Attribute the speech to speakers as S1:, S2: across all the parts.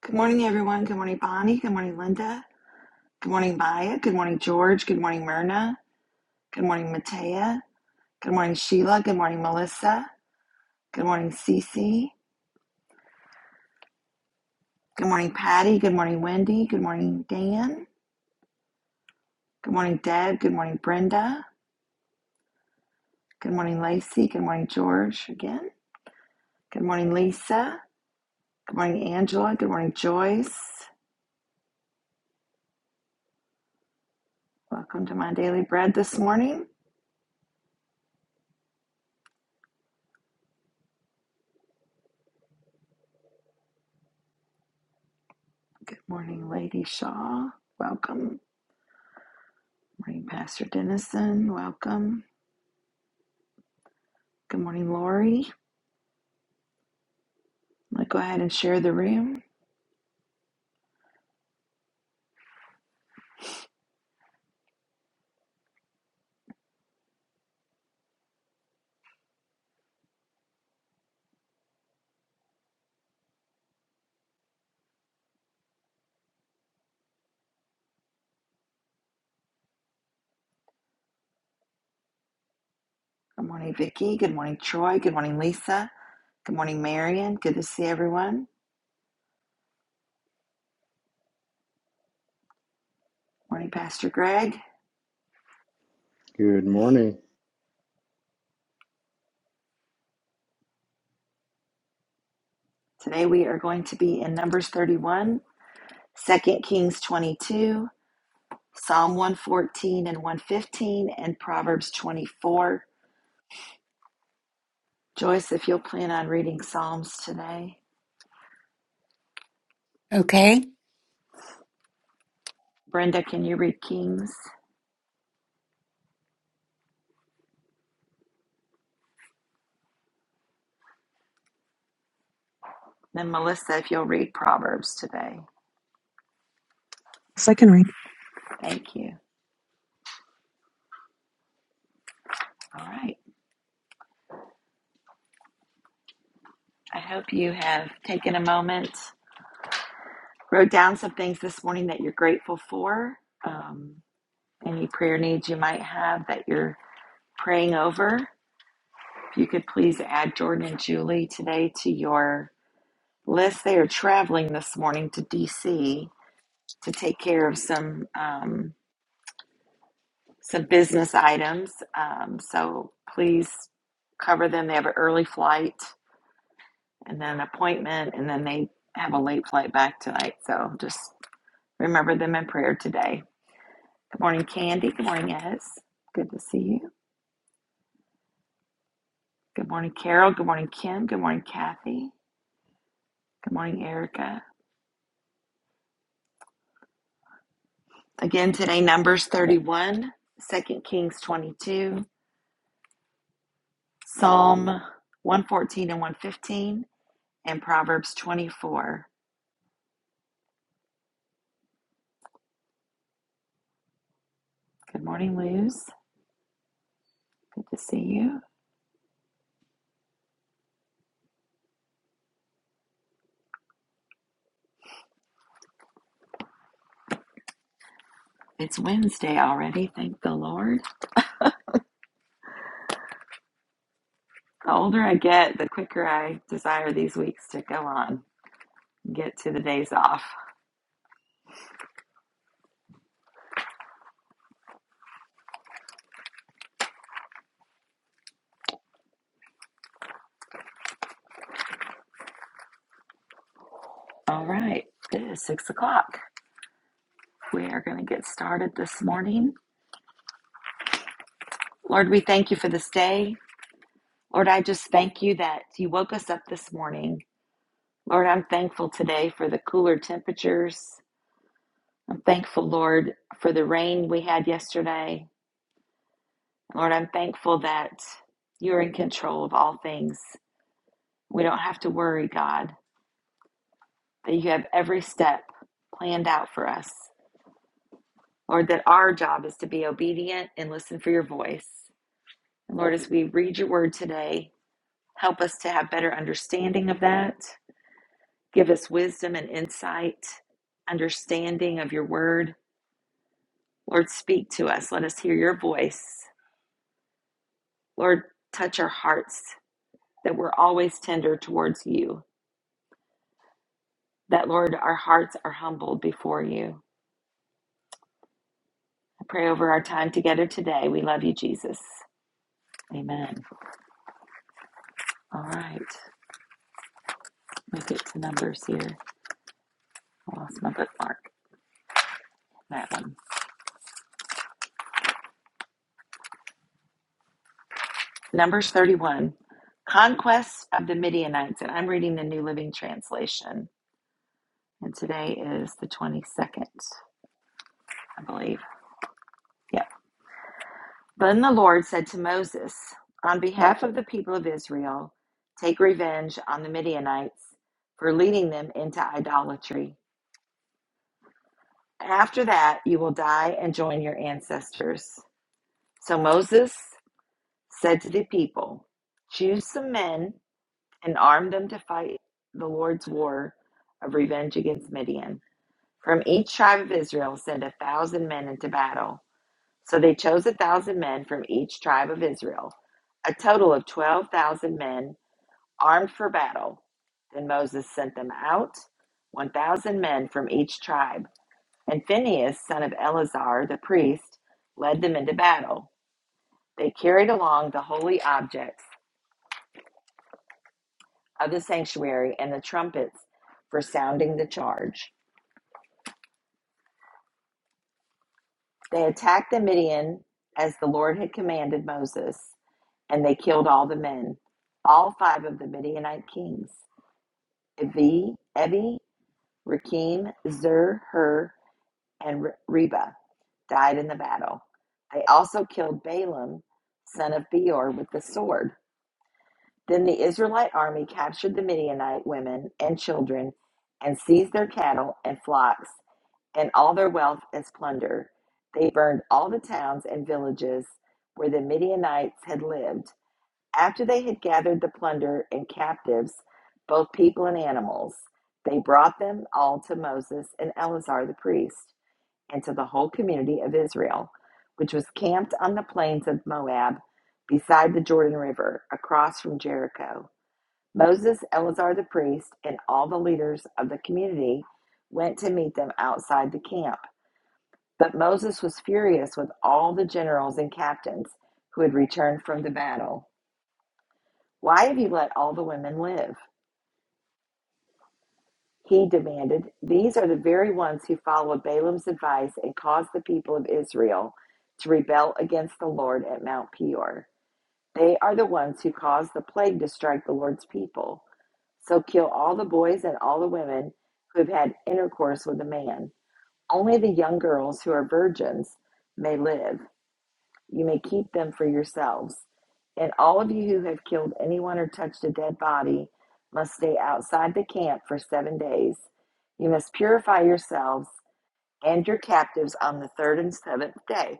S1: Good morning, everyone. Good morning, Bonnie. Good morning, Linda. Good morning, Maya. Good morning, George. Good morning, Myrna. Good morning, Matea. Good morning, Sheila. Good morning, Melissa. Good morning, Cece. Good morning, Patty. Good morning, Wendy. Good morning, Dan. Good morning, Deb. Good morning, Brenda. Good morning, Lacey. Good morning, George again. Good morning, Lisa. Good morning, Angela. Good morning, Joyce. Welcome to my daily bread this morning. Good morning, Lady Shaw. Welcome. Good Morning, Pastor Dennison. Welcome. Good morning, Lori. I'm going to go ahead and share the room. Good morning, Vicki. Good morning, Troy. Good morning, Lisa. Good morning, Marion. Good to see everyone. Morning, Pastor Greg.
S2: Good morning.
S1: Today we are going to be in Numbers 31, Second Kings 22, Psalm 114 and 115, and Proverbs 24. Joyce, if you'll plan on reading Psalms today.
S3: Okay.
S1: Brenda, can you read Kings? Then Melissa, if you'll read Proverbs today.
S4: Yes, I can read.
S1: Thank you. All right. I hope you have taken a moment Wrote down some things this morning that you're grateful for, um, any prayer needs you might have that you're praying over. If you could please add Jordan and Julie today to your list. They are traveling this morning to DC to take care of some um, some business items. Um, so please cover them. They have an early flight and then an appointment, and then they have a late flight back tonight. So just remember them in prayer today. Good morning, Candy. Good morning, Ez. Good to see you. Good morning, Carol. Good morning, Kim. Good morning, Kathy. Good morning, Erica. Again, today, Numbers 31, Second Kings 22, Psalm 114 and 115, and Proverbs 24. Good morning, Luz. Good to see you. It's Wednesday already. Thank the Lord. The older I get, the quicker I desire these weeks to go on, and get to the days off. All right, it is six o'clock. We are going to get started this morning. Lord, we thank you for this day. Lord, I just thank you that you woke us up this morning. Lord, I'm thankful today for the cooler temperatures. I'm thankful, Lord, for the rain we had yesterday. Lord, I'm thankful that you're in control of all things. We don't have to worry, God, that you have every step planned out for us. Lord, that our job is to be obedient and listen for your voice. And Lord, as we read your word today, Help us to have better understanding of that. Give us wisdom and insight, understanding of your word. Lord, speak to us. Let us hear your voice. Lord, touch our hearts that we're always tender towards you, that, Lord, our hearts are humbled before you. I pray over our time together today. We love you, Jesus. Amen. All right. Let me get to numbers here. I lost my bookmark. That one. Numbers 31, conquest of the Midianites. And I'm reading the New Living Translation. And today is the 22nd, I believe. Yep. Then the Lord said to Moses, On behalf of the people of Israel, take revenge on the Midianites for leading them into idolatry. After that, you will die and join your ancestors. So Moses said to the people, Choose some men and armed them to fight the Lord's war of revenge against Midian. From each tribe of Israel, send a thousand men into battle. So they chose a thousand men from each tribe of Israel, a total of 12,000 men armed for battle. Then Moses sent them out, 1,000 men from each tribe. And Phinehas, son of Eleazar the priest, led them into battle. They carried along the holy objects of the sanctuary and the trumpets for sounding the charge. They attacked the Midian as the Lord had commanded Moses, and they killed all the men, all five of the Midianite kings Evi, Evi, Rakim, Zur, Hur, and Reba died in the battle. They also killed Balaam, son of Beor, with the sword. Then the Israelite army captured the Midianite women and children and seized their cattle and flocks and all their wealth as plunder. They burned all the towns and villages where the Midianites had lived. After they had gathered the plunder and captives, both people and animals, they brought them all to Moses and Eleazar the priest, and to the whole community of Israel, which was camped on the plains of Moab beside the Jordan River, across from Jericho. Moses, Eleazar the priest, and all the leaders of the community went to meet them outside the camp. But Moses was furious with all the generals and captains who had returned from the battle. Why have you let all the women live? He demanded. These are the very ones who followed Balaam's advice and caused the people of Israel to rebel against the Lord at Mount Peor. They are the ones who caused the plague to strike the Lord's people. So kill all the boys and all the women who have had intercourse with a man. Only the young girls who are virgins may live You may keep them for yourselves. And all of you who have killed anyone or touched a dead body must stay outside the camp for seven days. You must purify yourselves and your captives on the third and seventh day.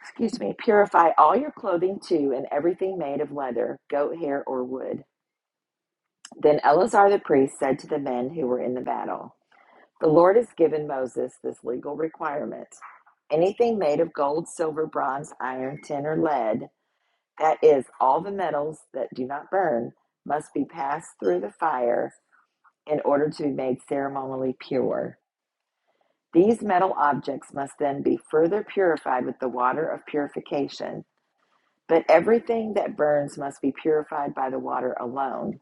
S1: Excuse me. Purify all your clothing too, and everything made of leather, goat hair, or wood. Then Eleazar the priest said to the men who were in the battle, The Lord has given Moses this legal requirement. Anything made of gold, silver, bronze, iron, tin, or lead That is, all the metals that do not burn must be passed through the fire in order to be made ceremonially pure. These metal objects must then be further purified with the water of purification, but everything that burns must be purified by the water alone.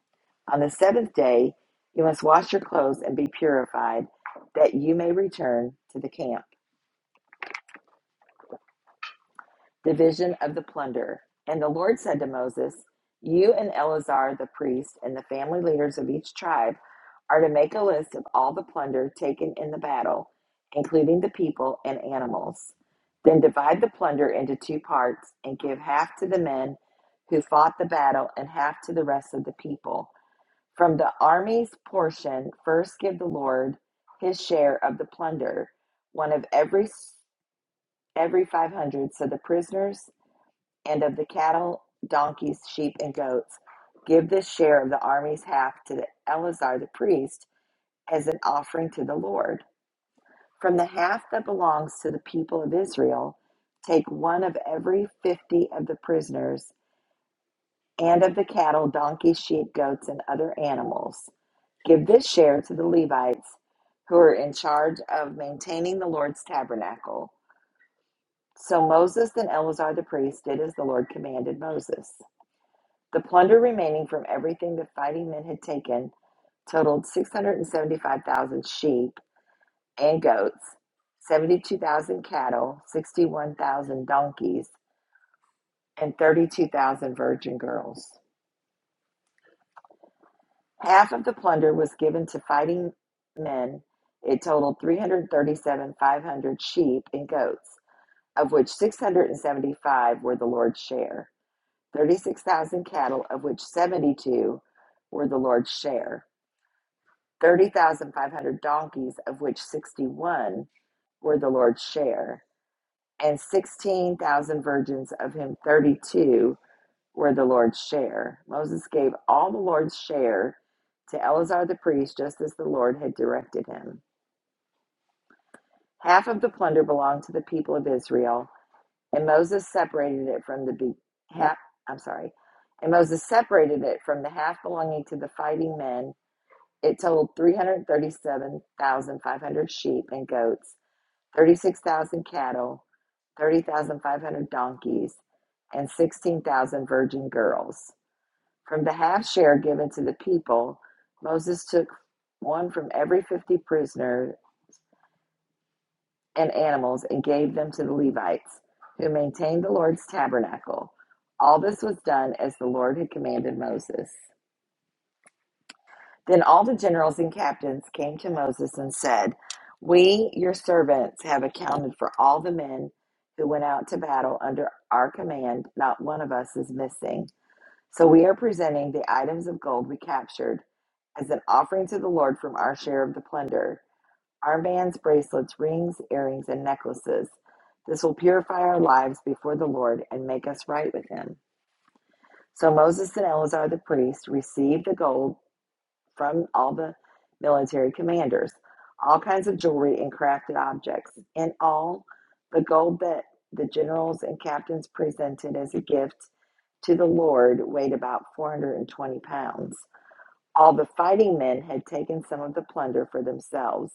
S1: On the seventh day, you must wash your clothes and be purified, that you may return to the camp. division of the plunder. And the Lord said to Moses, You and Eleazar the priest and the family leaders of each tribe are to make a list of all the plunder taken in the battle, including the people and animals. Then divide the plunder into two parts and give half to the men who fought the battle and half to the rest of the people. From the army's portion, first give the Lord his share of the plunder, one of every every 500 so the prisoners and of the cattle, donkeys, sheep, and goats, give this share of the army's half to the Eleazar the priest as an offering to the Lord. From the half that belongs to the people of Israel, take one of every fifty of the prisoners and of the cattle, donkeys, sheep, goats, and other animals. Give this share to the Levites who are in charge of maintaining the Lord's tabernacle. So Moses and Eleazar the priest did as the Lord commanded Moses. The plunder remaining from everything the fighting men had taken totaled 675,000 sheep and goats, 72,000 cattle, 61,000 donkeys, and 32,000 virgin girls. Half of the plunder was given to fighting men. It totaled 337,500 sheep and goats, of which 675 were the Lord's share, 36,000 cattle, of which 72 were the Lord's share. 30,500 donkeys, of which 61 were the Lord's share, and 16,000 virgins, of whom 32 were the Lord's share. Moses gave all the Lord's share to Eleazar the priest, just as the Lord had directed him. Half of the plunder belonged to the people of Israel, and Moses separated it from the be- half. I'm sorry. And Moses separated it from the half belonging to the fighting men. It totaled 337,500 sheep and goats 36,000 cattle, 30,500 donkeys, and 16,000 virgin girls. From the half share given to the people, Moses took one from every 50 prisoners and animals and gave them to the Levites, who maintained the Lord's tabernacle. All this was done as the Lord had commanded Moses. Then all the generals and captains came to Moses and said, We, your servants, have accounted for all the men who went out to battle under our command. Not one of us is missing. So we are presenting the items of gold we captured as an offering to the Lord from our share of the plunder armbands, bracelets, rings, earrings, and necklaces. This will purify our lives before the Lord and make us right with Him. So Moses and Eleazar the priest received the gold from all the military commanders, all kinds of jewelry and crafted objects. In all, the gold that the generals and captains presented as a gift to the Lord weighed about 420 pounds. All the fighting men had taken some of the plunder for themselves.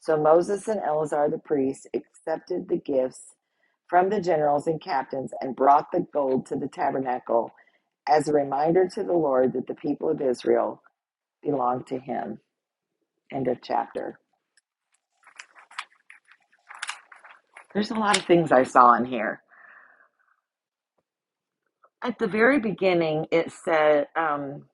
S1: So Moses and Eleazar the priest accepted the gifts from the generals and captains and brought the gold to the tabernacle as a reminder to the Lord that the people of Israel belong to him. End of chapter. There's a lot of things I saw in here. At the very beginning, it said, um,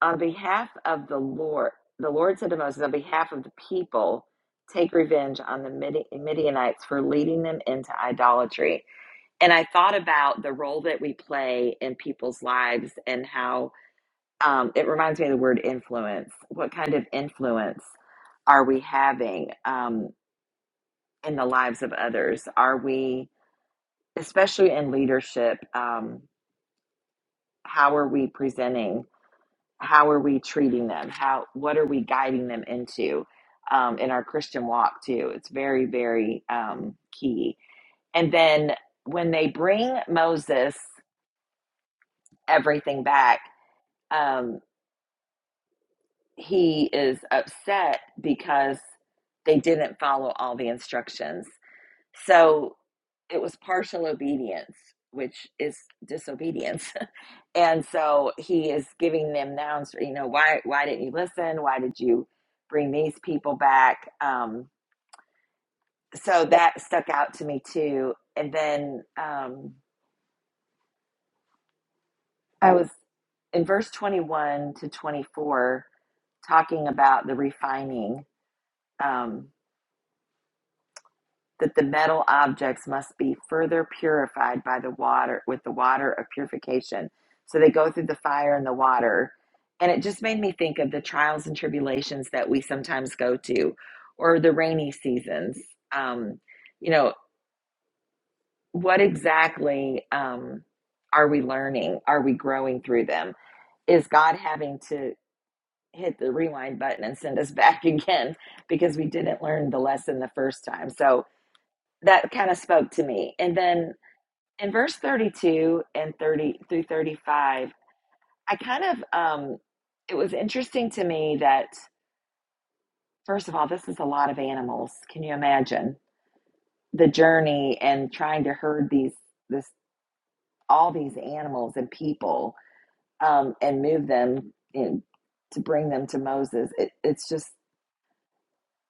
S1: on behalf of the Lord, the Lord said to Moses, on behalf of the people, take revenge on the Midi- Midianites for leading them into idolatry. And I thought about the role that we play in people's lives and how um, it reminds me of the word influence. What kind of influence are we having um, in the lives of others? Are we especially in leadership um, how are we presenting how are we treating them how what are we guiding them into um, in our christian walk too it's very very um, key and then when they bring moses everything back um, he is upset because they didn't follow all the instructions so it was partial obedience which is disobedience And so he is giving them nouns, you know, why why didn't you listen? Why did you bring these people back? Um, so that stuck out to me too. And then um, I was in verse 21 to 24 talking about the refining. Um, that the metal objects must be further purified by the water with the water of purification. So they go through the fire and the water. And it just made me think of the trials and tribulations that we sometimes go to or the rainy seasons. Um, you know, what exactly um, are we learning? Are we growing through them? Is God having to hit the rewind button and send us back again because we didn't learn the lesson the first time? So that kind of spoke to me. And then in verse 32 and 30 through 35 i kind of um it was interesting to me that first of all this is a lot of animals can you imagine the journey and trying to herd these this all these animals and people um and move them in to bring them to moses it, it's just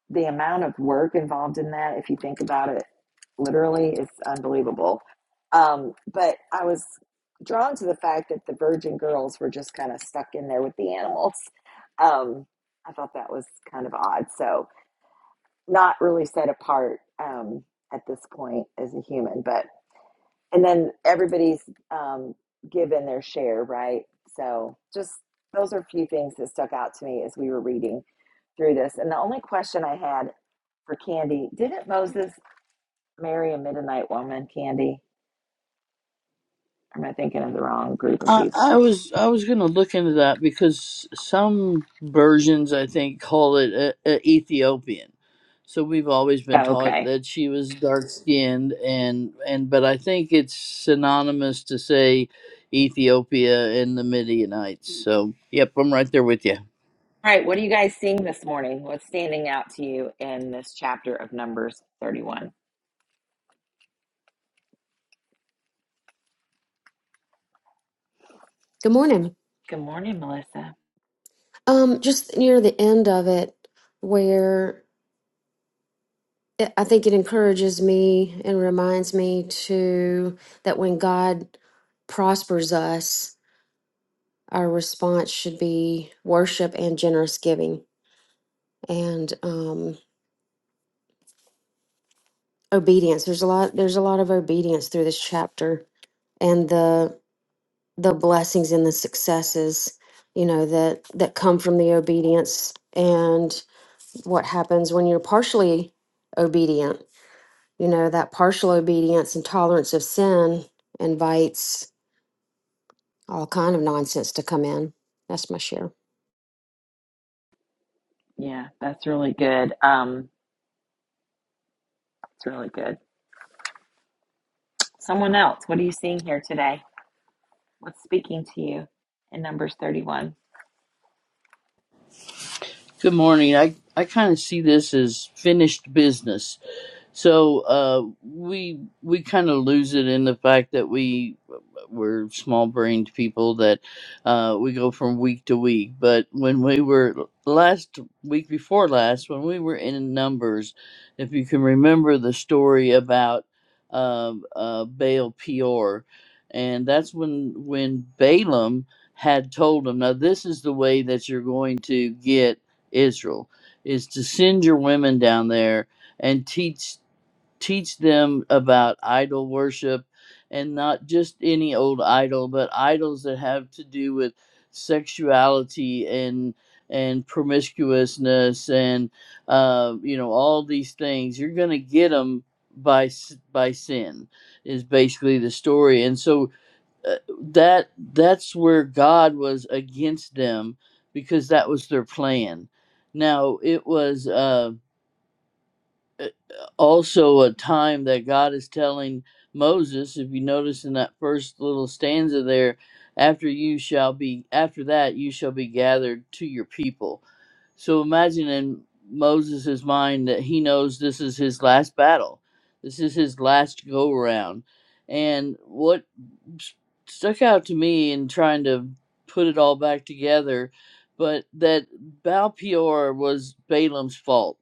S1: the amount of work involved in that, if you think about it literally, is unbelievable. Um, but I was drawn to the fact that the virgin girls were just kind of stuck in there with the animals. Um, I thought that was kind of odd. So, not really set apart um, at this point as a human. But, and then everybody's um, given their share, right? So, just those are a few things that stuck out to me as we were reading through this. And the only question I had for Candy. Didn't Moses marry a Midianite woman, Candy? Or Am I thinking of the wrong group of
S5: I, I
S1: people?
S5: was I was gonna look into that because some versions I think call it a, a Ethiopian. So we've always been
S1: Oh,
S5: taught
S1: okay.
S5: that she was dark skinned and and but I think it's synonymous to say Ethiopia and the Midianites. So yep, I'm right there with you.
S1: All right. What are you guys seeing this morning? What's standing out to you in this chapter of Numbers 31?
S6: Good morning.
S1: Good morning, Melissa.
S6: Um, just near the end of it, where it, I think it encourages me and reminds me to that when God prospers us, our response should be worship and generous giving and um, obedience. There's a lot. There's a lot of obedience through this chapter and the the blessings and the successes, you know, that that come from the obedience and what happens when you're partially obedient you know that partial obedience and tolerance of sin invites all kind of nonsense to come in that's my share
S1: Yeah, that's really good. Um, it's really good. Someone else, what are you seeing here today? What's speaking to you in Numbers 31?
S5: Good morning. I I kind of see this as finished business So uh, we we kind of lose it in the fact that we we're small brained people that uh, we go from week to week. But when we were last week before last, when we were in numbers, if you can remember the story about uh, uh, Baal Peor, and that's when when Balaam had told him, now this is the way that you're going to get Israel is to send your women down there and teach teach them about idol worship and not just any old idol but idols that have to do with sexuality and and promiscuousness and uh, you know all these things you're going to get them by s- by sin is basically the story and so uh, that that's where god was against them because that was their plan now it was Uh, also a time that God is telling Moses, if you notice in that first little stanza there, after you shall be after that you shall be gathered to your people. So imagine in Moses' mind that he knows this is his last battle. This is his last go around. And what s- stuck out to me in trying to put it all back together, but that Baal Peor was Balaam's fault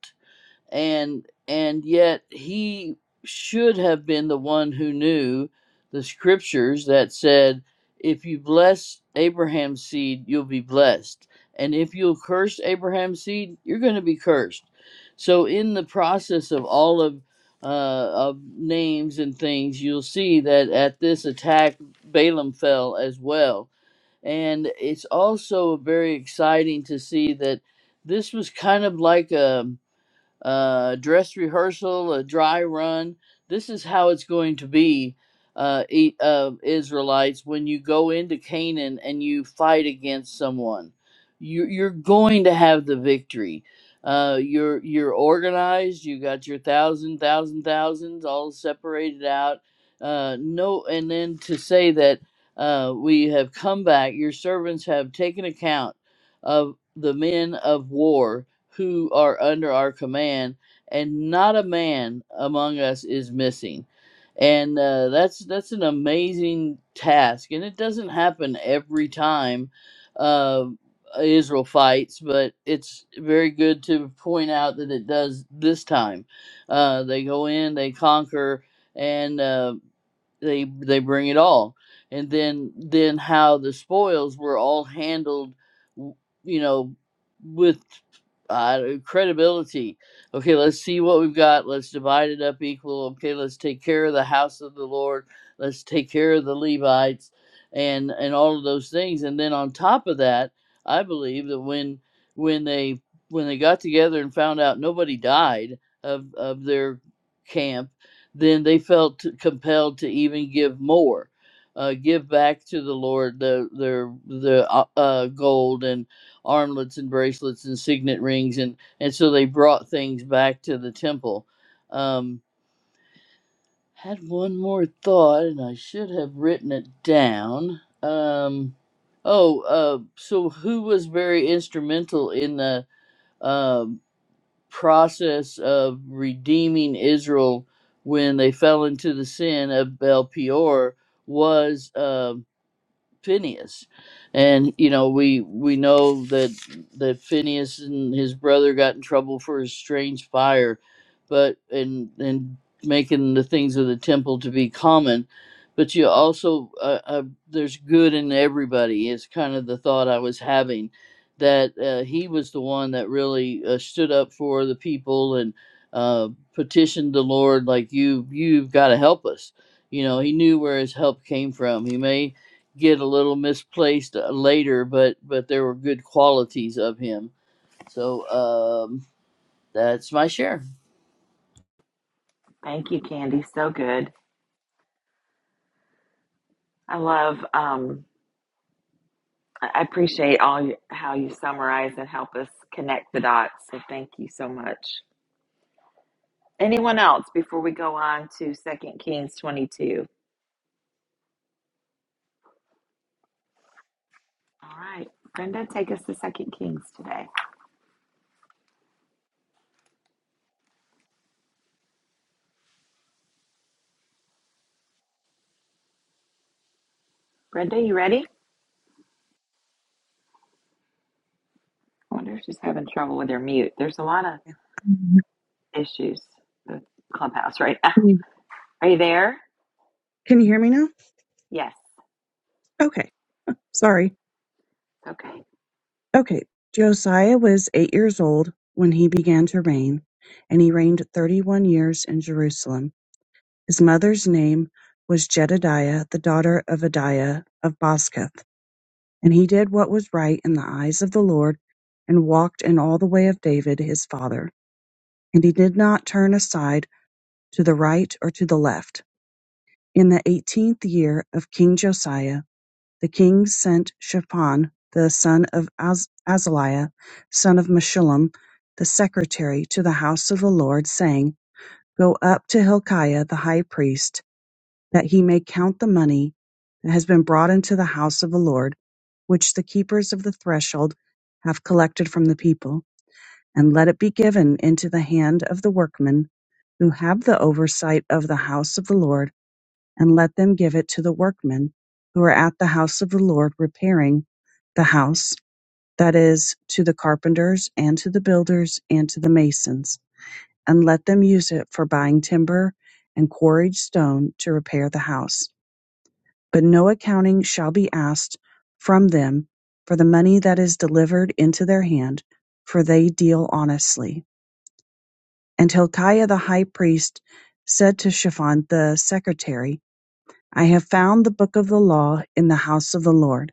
S5: and and yet he should have been the one who knew the scriptures that said if you bless abraham's seed you'll be blessed and if you'll curse abraham's seed you're going to be cursed so in the process of all of uh, of names and things you'll see that at this attack balaam fell as well and it's also very exciting to see that this was kind of like a uh, dress rehearsal, a dry run. This is how it's going to be, uh, E- uh, Israelites, when you go into Canaan and you fight against someone. You, you're going to have the victory. Uh, you're you're organized. You got your thousand, thousand, thousands all separated out. Uh, no, and then to say that uh, we have come back. Your servants have taken account of the men of war who are under our command, and not a man among us is missing. And uh, that's that's an amazing task, and it doesn't happen every time uh, Israel fights, but it's very good to point out that it does this time. Uh, they go in, they conquer, and uh, they they bring it all and then then how the spoils were all handled you know with uh, credibility okay let's see what we've got let's divide it up equal okay let's take care of the house of the lord let's take care of the levites and and all of those things and then on top of that i believe that when when they when they got together and found out nobody died of of their camp then they felt compelled to even give more, uh, give back to the Lord the their the uh, uh, gold and armlets and bracelets and signet rings and and so they brought things back to the temple. Um, had one more thought, and I should have written it down. Um, oh, uh, so who was very instrumental in the? um? process of redeeming Israel when they fell into the sin of Baal Peor was. Um, Phineas, and you know we we know that that Phineas and his brother got in trouble for his strange fire, but and and making the things of the temple to be common, but you also uh, uh, there's good in everybody is kind of the thought I was having, that uh, he was the one that really uh, stood up for the people and uh, petitioned the Lord like you you've got to help us. You know, he knew where his help came from. He may get a little misplaced uh, later, but but there were good qualities of him. So um, that's my share.
S1: Thank you, Candy. So good. I love um I I appreciate all you, how you summarize and help us connect the dots. So thank you so much. Anyone else before we go on to Second Kings 22? All right, Brenda, take us to Second Kings today. Brenda, you ready? I wonder if she's having trouble with her mute. There's a lot of
S4: Can
S1: issues with Clubhouse right now.
S4: you
S1: Are you there?
S4: can you hear me now?
S1: Yes.
S4: Okay. Sorry.
S1: Okay.
S4: Okay. Josiah was eight years old when he began to reign, and he reigned 31 years in Jerusalem. His mother's name was Jedidiah, the daughter of Adiah of Bosketh. And he did what was right in the eyes of the Lord and walked in all the way of David his father. And he did not turn aside to the right or to the left. In the eighteenth year of King Josiah, The king sent Shaphan the son of Azaliah, son of Meshullam, the secretary, to the house of the Lord, saying, Go up to Hilkiah the high priest, that he may count the money that has been brought into the house of the Lord, which the keepers of the threshold have collected from the people, and let it be given into the hand of the workmen who have the oversight of the house of the Lord and let them give it to the workmen who are at the house of the Lord repairing the house, that is, to the carpenters, and to the builders, and to the masons, and let them use it for buying timber and quarried stone to repair the house. But no accounting shall be asked from them for the money that is delivered into their hand, for they deal honestly. And Hilkiah the high priest said to Shaphan the secretary, I have found the book of the law in the house of the Lord.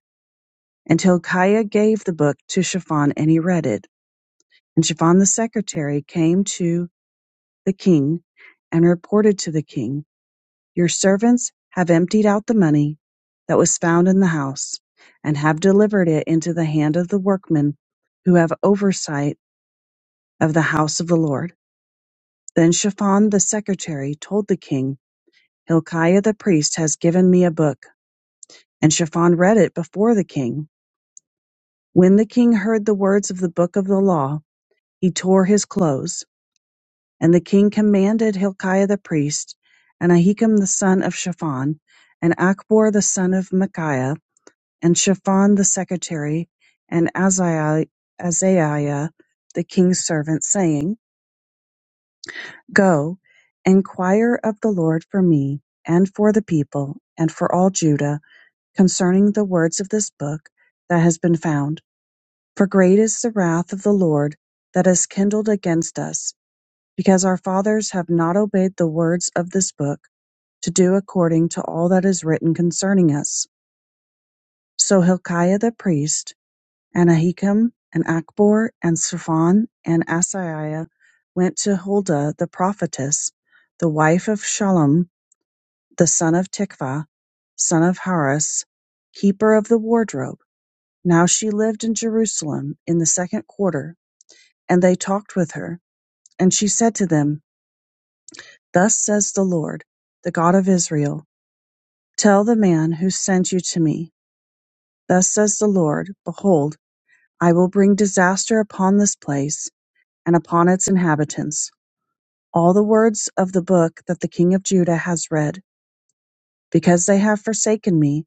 S4: And Hilkiah gave the book to Shaphan, and he read it. And Shaphan the secretary came to the king and reported to the king, Your servants have emptied out the money that was found in the house, and have delivered it into the hand of the workmen who have oversight of the house of the Lord. Then Shaphan the secretary told the king, Hilkiah the priest has given me a book. And Shaphan read it before the king. When the king heard the words of the book of the law, he tore his clothes. And the king commanded Hilkiah the priest, and Ahikam the son of Shaphan, and Achbor the son of Micaiah, and Shaphan the secretary, and Azariah, Azariah the king's servant, saying, Go, inquire of the Lord for me, and for the people, and for all Judah, concerning the words of this book that has been found. For great is the wrath of the Lord that is kindled against us, because our fathers have not obeyed the words of this book to do according to all that is written concerning us. So Hilkiah the priest, and Ahikam, and Akbor, and Shaphan, and Asaiah went to Huldah the prophetess, the wife of Shallum the son of Tikva, son of Harus, keeper of the wardrobe. Now she lived in Jerusalem in the second quarter, and they talked with her. And she said to them, Thus says the Lord, the God of Israel, Tell the man who sent you to me, Thus says the Lord, Behold, I will bring disaster upon this place and upon its inhabitants. All the words of the book that the king of Judah has read, because they have forsaken me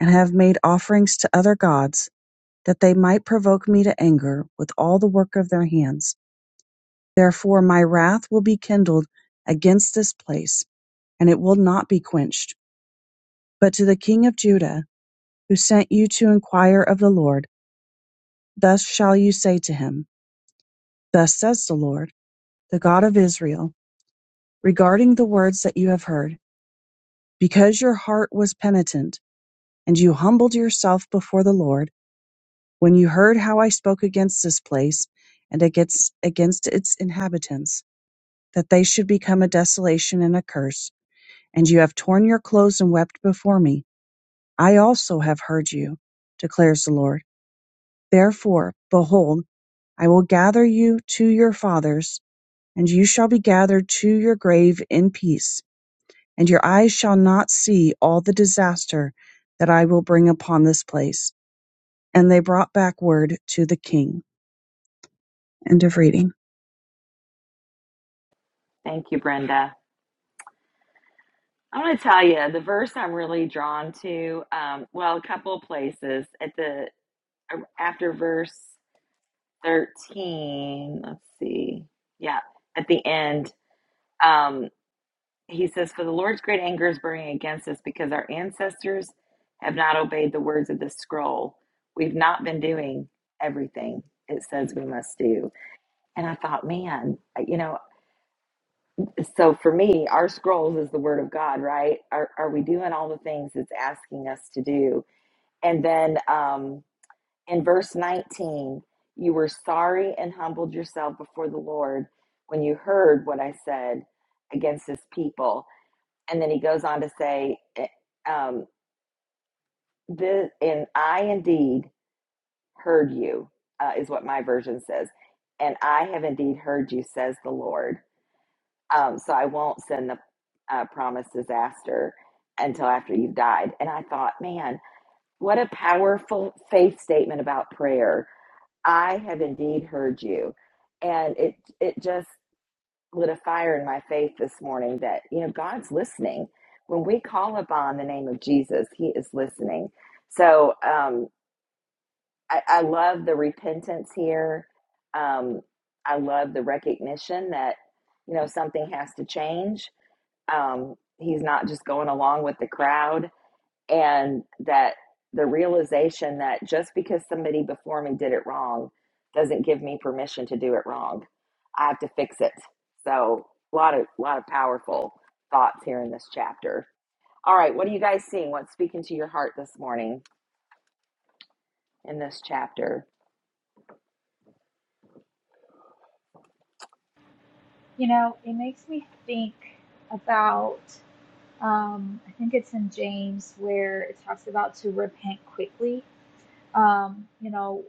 S4: and have made offerings to other gods, that they might provoke me to anger with all the work of their hands. Therefore my wrath will be kindled against this place, and it will not be quenched But to the king of Judah, who sent you to inquire of the Lord, thus shall you say to him, Thus says the Lord, the God of Israel, regarding the words that you have heard, because your heart was penitent, and you humbled yourself before the Lord, when you heard how I spoke against this place and against, against its inhabitants, that they should become a desolation and a curse, and you have torn your clothes and wept before me. I also have heard you, declares the Lord. Therefore, behold, I will gather you to your fathers, and you shall be gathered to your grave in peace, and your eyes shall not see all the disaster that I will bring upon this place. And they brought back word to the king. End of reading.
S1: Thank you, Brenda. i want to tell you the verse I'm really drawn to. Um, well, a couple of places at the um, after verse 13, let's see. Yeah, at the end, um, he says, For the Lord's great anger is burning against us because our ancestors have not obeyed the words of this scroll. We've not been doing everything it says we must do. And I thought, man, you know, so for me, our scrolls is the word of God, right? Are, are we doing all the things it's asking us to do? And then, um, In verse 19, you were sorry and humbled yourself before the Lord when you heard what I said against his people. And then he goes on to say, eh, um, this, and I indeed heard you, uh, is what my version says. And I have indeed heard you, says the Lord. Um, so I won't send the uh, promised disaster until after you've died. And I thought, man, what a powerful faith statement about prayer I have indeed heard you. And it it just lit a fire in my faith this morning that, you know, God's listening. When we call upon the name of Jesus, he is listening. So um I, I love the repentance here. Um I love the recognition that, you know, something has to change. Um he's not just going along with the crowd and that the realization that just because somebody before me did it wrong doesn't give me permission to do it wrong. I have to fix it. So a lot of lot of powerful thoughts here in this chapter. All right, what are you guys seeing? What's speaking to your heart this morning in this chapter?
S7: You know, it makes me think about, um, I think it's in James where it talks about to repent quickly. Um, you know,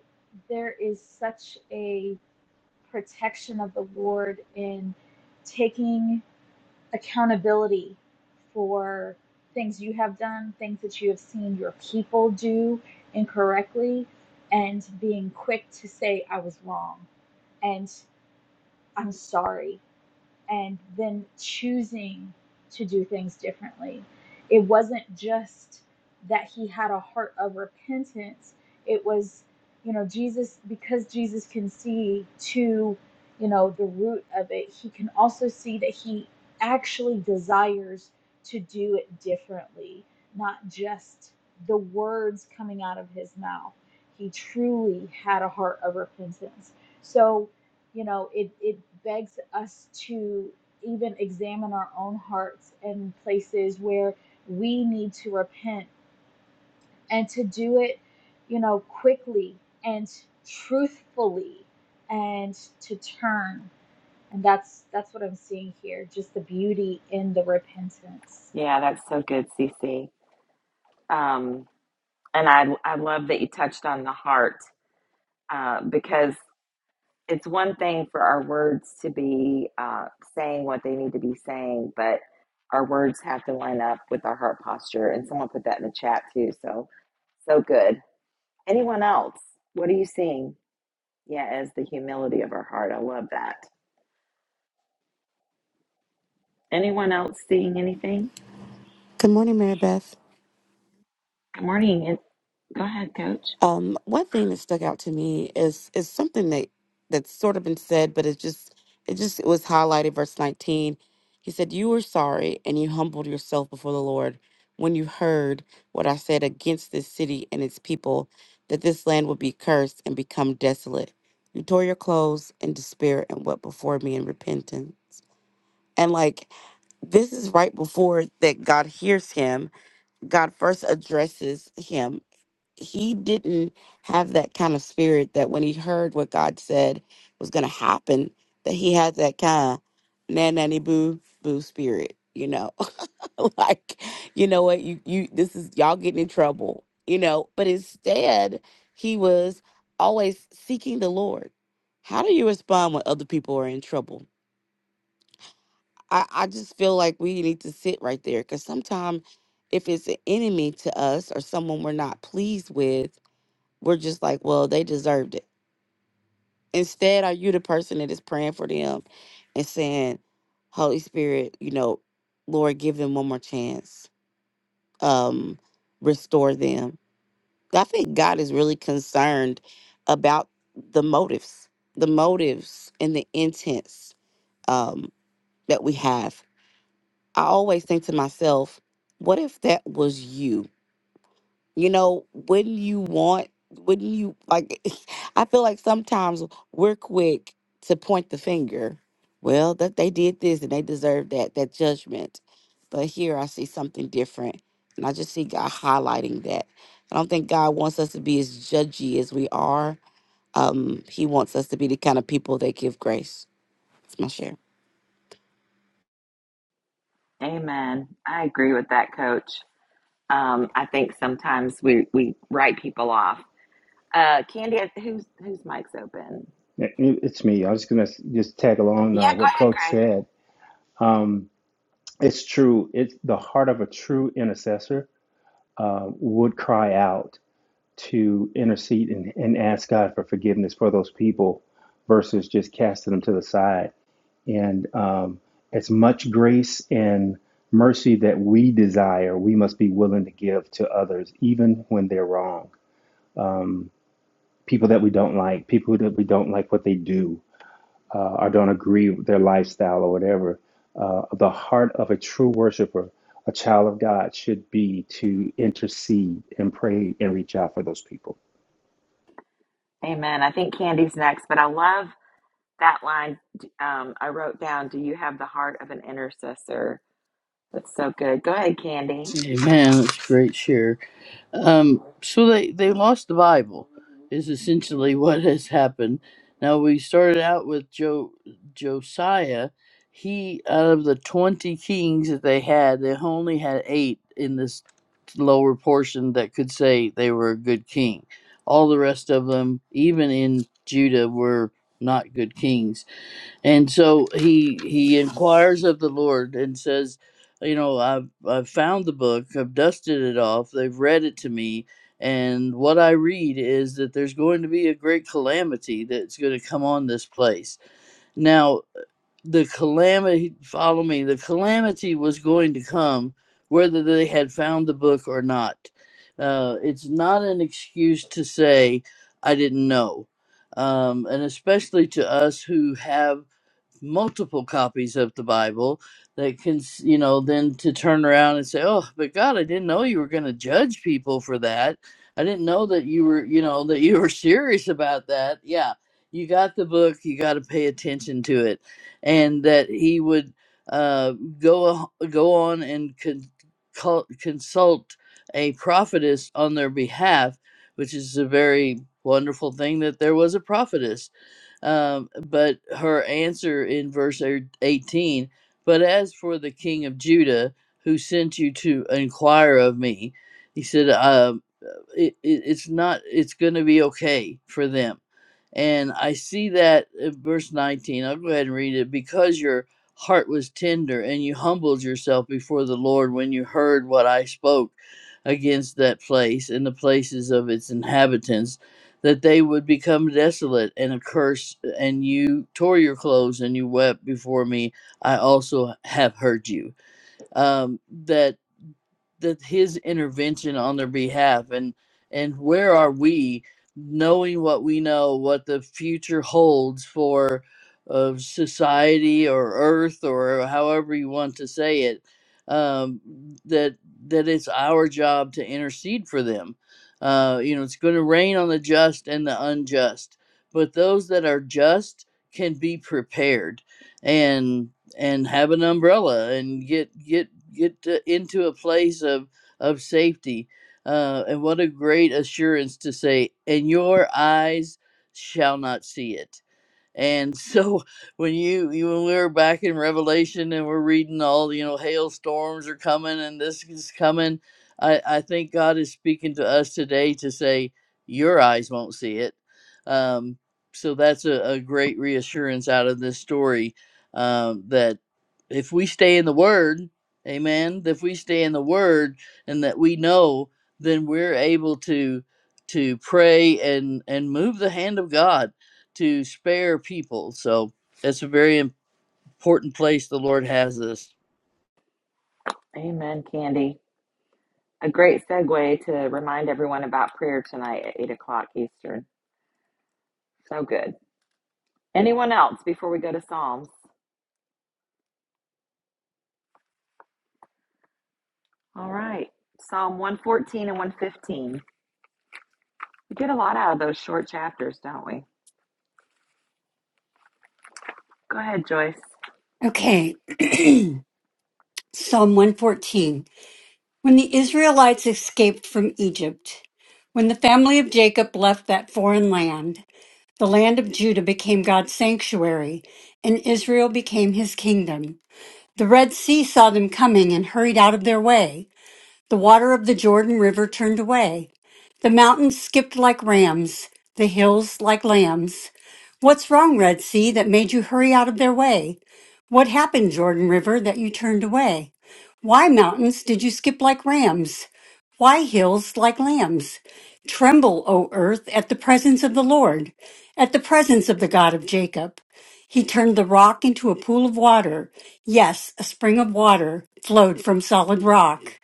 S7: there is such a protection of the Lord in taking accountability for things you have done, things that you have seen your people do incorrectly, and being quick to say, I was wrong and I'm sorry and then choosing to do things differently. It wasn't just that he had a heart of repentance, it was, you know, Jesus, because Jesus can see to, you know, the root of it, he can also see that he actually desires to do it differently, not just the words coming out of his mouth. He truly had a heart of repentance. So, you know, it, it begs us to even examine our own hearts and places where we need to repent and to do it, you know, quickly and truthfully and to turn. And that's that's what I'm seeing here, just the beauty in the repentance.
S1: Yeah, that's so good, Cece. Um, and I I love that you touched on the heart uh, because it's one thing for our words to be uh, saying what they need to be saying, but our words have to line up with our heart posture. And someone put that in the chat too. So, so good. Anyone else? What are you seeing? Yeah, as the humility of our heart. I love that. Anyone else seeing anything?
S8: Good morning, Mary Beth.
S1: Good morning. and- Go ahead, coach.
S8: Um, one thing that stuck out to me is is something that that's sort of been said, but it just it just it was highlighted. Verse nineteen, he said, "You were sorry, and you humbled yourself before the Lord when you heard what I said against this city and its people, that this land would be cursed and become desolate. You tore your clothes in despair and wept before me in repentance." And like this is right before that God hears him. God first addresses him he didn't have that kind of spirit that when he heard what God said was going to happen, that he had that kind of na nanny boo boo spirit, you know, like, you know what, you, you, this is y'all getting in trouble, you know, but instead he was always seeking the Lord. How do you respond when other people are in trouble? I, I just feel like we need to sit right there because sometimes if it's an enemy to us or someone we're not pleased with, we're just like, well, they deserved it. Instead, are you the person that is praying for them and saying, Holy Spirit, you know, Lord, give them one more chance. Um, restore them. I think God is really concerned about the motives, the motives and the intents um, that we have. I always think to myself, what if that was you? You know, wouldn't you want, wouldn't you like? I feel like sometimes we're quick to point the finger. Well, that they did this and they deserve that, that judgment. But here I see something different. And I just see God highlighting that. I don't think God wants us to be as judgy as we are. Um, he wants us to be the kind of people that give grace. That's my share.
S1: Amen. I agree with that, coach. Um, I think sometimes we, we write people off. Uh, Candy, who's, whose whose mic's open?
S2: It- It's me. I was going to just tag
S1: Yeah,
S2: along uh,
S1: go
S2: what
S1: ahead,
S2: Coach
S1: Greg.
S2: said. Um, it's true. It's the heart of a true intercessor uh, would cry out to intercede and, and ask God for forgiveness for those people versus just casting them to the side. And um, as much grace and mercy that we desire, we must be willing to give to others, even when they're wrong. Um, People that we don't like, people that we don't like what they do uh, or don't agree with their lifestyle or whatever. Uh, the heart of a true worshiper, a child of God, should be to intercede and pray and reach out for those people.
S1: Amen. I think Candy's next, but I love that line d- um, I wrote down. Do you have the heart of an intercessor? That's so good. Go ahead, Candy.
S5: Amen. That's a great share. Um, so they, they lost the Bible, is essentially what has happened. Now we started out with jo- Josiah. He out of the twenty kings that they had, they only had eight in this lower portion that could say they were a good king. All the rest of them, even in Judah, were not good kings and so he he inquires of the lord and says you know i've i've found the book i've dusted it off they've read it to me and what i read is that there's going to be a great calamity that's going to come on this place now the calamity follow me the calamity was going to come whether they had found the book or not uh, it's not an excuse to say i didn't know um, and especially to us who have multiple copies of the Bible that can, you know, then to turn around and say, "Oh, but God, I didn't know you were going to judge people for that. I didn't know that you were, you know, that you were serious about that." Yeah, you got the book. You got to pay attention to it, and that He would uh, go go on and con- col- consult a prophetess on their behalf, which is a very wonderful thing that there was a prophetess um, but her answer in verse 18 But as for the king of Judah, who sent you to inquire of me, he said, um, it, it, It's not, it's going to be okay for them. And I see that in verse 19. I'll go ahead and read it. Because your heart was tender and you humbled yourself before the Lord when you heard what I spoke against that place and the places of its inhabitants that they would become desolate and accursed, and you tore your clothes and you wept before me. I also have heard you. Um, that the his intervention on their behalf and and where are we knowing what we know what the future holds for uh, society or earth or however you want to say it um, that that it's our job to intercede for them uh, you know it's going to rain on the just and the unjust but those that are just can be prepared and and have an umbrella and get get get into a place of of safety. Uh, and what a great assurance to say, "And your eyes shall not see it." And so when you, you when we were back in Revelation and we're reading all you know hailstorms are coming and this is coming, I I think God is speaking to us today to say your eyes won't see it. Um, so that's a, a great reassurance out of this story um, that if we stay in the Word, Amen. If we stay in the Word and that we know, then we're able to to pray and and move the hand of God to spare people. So that's a very important place the Lord has us.
S1: Amen, Candy. A great segue to remind everyone about prayer tonight at 8 o'clock Eastern. So good. Anyone else before we go to Psalms? All right. Psalm 114 and 115. We get a lot out of those short chapters, don't we? Go ahead, Joyce.
S3: Okay. Psalm 114. When the Israelites escaped from Egypt, when the family of Jacob left that foreign land, the land of Judah became God's sanctuary, and Israel became his kingdom. The Red Sea saw them coming and hurried out of their way. The water of the Jordan River turned away. The mountains skipped like rams, the hills like lambs. What's wrong, Red Sea, that made you hurry out of their way? What happened, Jordan River, that you turned away? Why, mountains, did you skip like rams? Why, hills like lambs? Tremble, O earth, at the presence of the Lord, at the presence of the God of Jacob. He turned the rock into a pool of water. Yes, a spring of water flowed from solid rock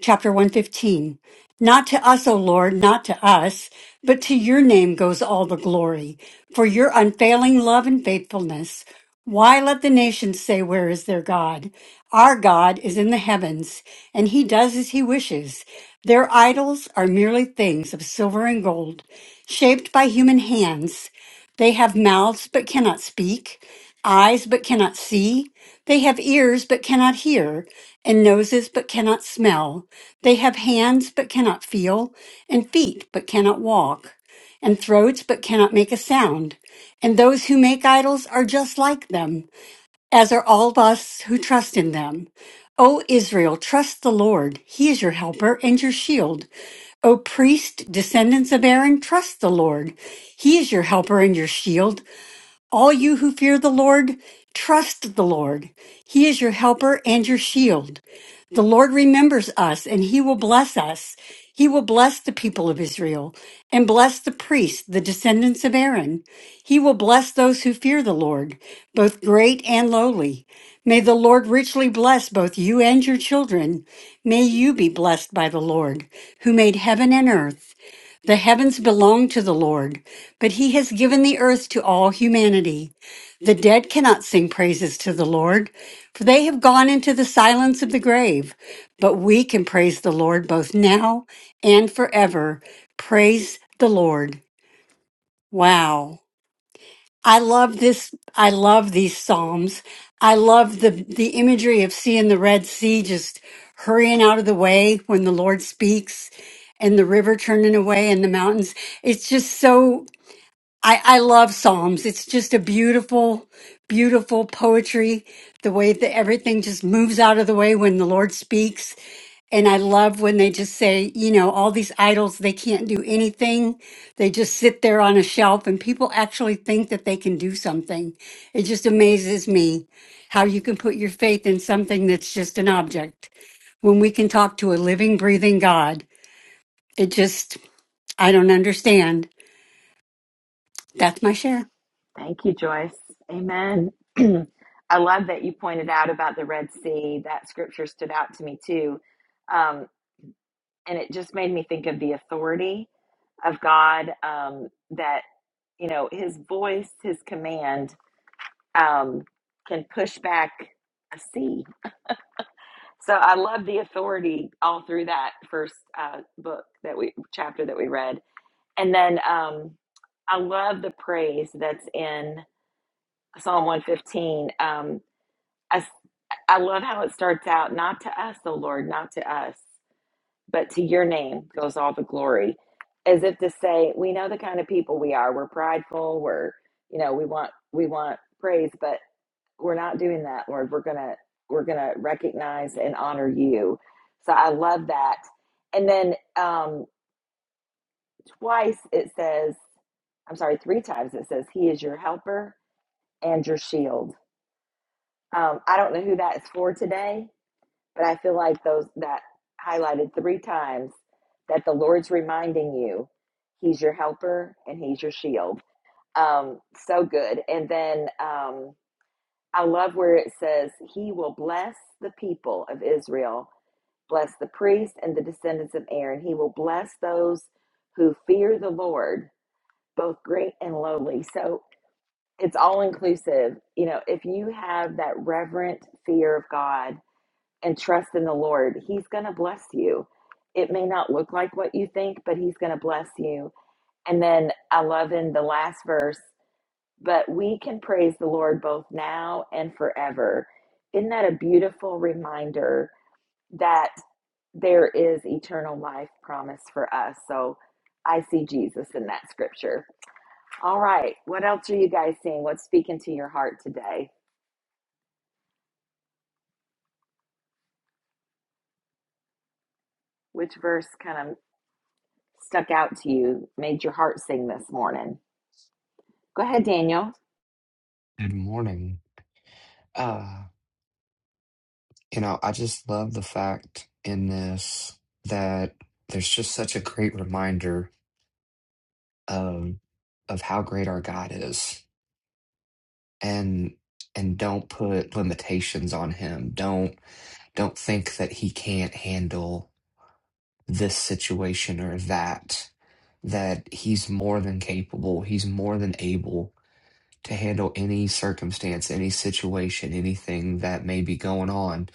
S3: chapter 115. Not to us, O Lord, not to us, but to your name goes all the glory, for your unfailing love and faithfulness. Why let the nations say, Where is their God? Our God is in the heavens, and he does as he wishes. Their idols are merely things of silver and gold, shaped by human hands. They have mouths but cannot speak eyes but cannot see. They have ears but cannot hear, and noses but cannot smell. They have hands but cannot feel, and feet but cannot walk, and throats but cannot make a sound. And those who make idols are just like them, as are all of us who trust in them. O Israel, trust the Lord. He is your helper and your shield. O priest, descendants of Aaron, trust the Lord. He is your helper and your shield. All you who fear the Lord, trust the Lord. He is your helper and your shield. The Lord remembers us and he will bless us. He will bless the people of Israel and bless the priests, the descendants of Aaron. He will bless those who fear the Lord, both great and lowly. May the Lord richly bless both you and your children. May you be blessed by the Lord, who made heaven and earth. The heavens belong to the Lord, but he has given the earth to all humanity. The dead cannot sing praises to the Lord, for they have gone into the silence of the grave. But we can praise the Lord both now and forever. Praise the Lord. Wow. I love this. I love these Psalms. I love the, the imagery of seeing the Red Sea just hurrying out of the way when the Lord speaks and the river turning away and the mountains. It's just so I, I love Psalms. It's just a beautiful, beautiful poetry. The way that everything just moves out of the way when the Lord speaks. And I love when they just say, you know, all these idols, they can't do anything. They just sit there on a shelf and people actually think that they can do something. It just amazes me how you can put your faith in something that's just an object. When we can talk to a living, breathing God, it just, I don't understand. That's my share.
S1: Thank you, Joyce. Amen. I love that you pointed out about the Red Sea. That scripture stood out to me too. Um, and it just made me think of the authority of God um, that, you know, his voice, his command um, can push back a sea. So I love the authority all through that first uh, book that we chapter that we read. And then um, I love the praise that's in Psalm 115. Um, I I love how it starts out, not to us, O Lord, not to us, but to your name goes all the glory. As if to say, we know the kind of people we are. We're prideful. We're, you know, we want we want praise, but we're not doing that, Lord. We're gonna we're gonna recognize and honor you. So I love that. And then um, twice it says I'm sorry, three times it says, He is your helper and your shield. Um, I don't know who that is for today, but I feel like those that highlighted three times that the Lord's reminding you He's your helper and He's your shield. Um, so good. And then um, I love where it says, He will bless the people of Israel, bless the priest and the descendants of Aaron. He will bless those who fear the Lord, both great and lowly. So, it's all inclusive. You know, if you have that reverent fear of God and trust in the Lord, He's going to bless you. It may not look like what you think, but He's going to bless you. And then I love in the last verse, but we can praise the Lord both now and forever. Isn't that a beautiful reminder that there is eternal life promised for us? So I see Jesus in that scripture. All right. What else are you guys seeing? What's speaking to your heart today? Which verse kind of stuck out to you, made your heart sing this morning? Go ahead, Daniel.
S9: Good morning. Uh, you know, I just love the fact in this that there's just such a great reminder of of how great our God is. And and don't put limitations on him. Don't don't think that he can't handle this situation or that. That he's more than capable. He's more than able. to handle any circumstance, any situation, anything that may be going on.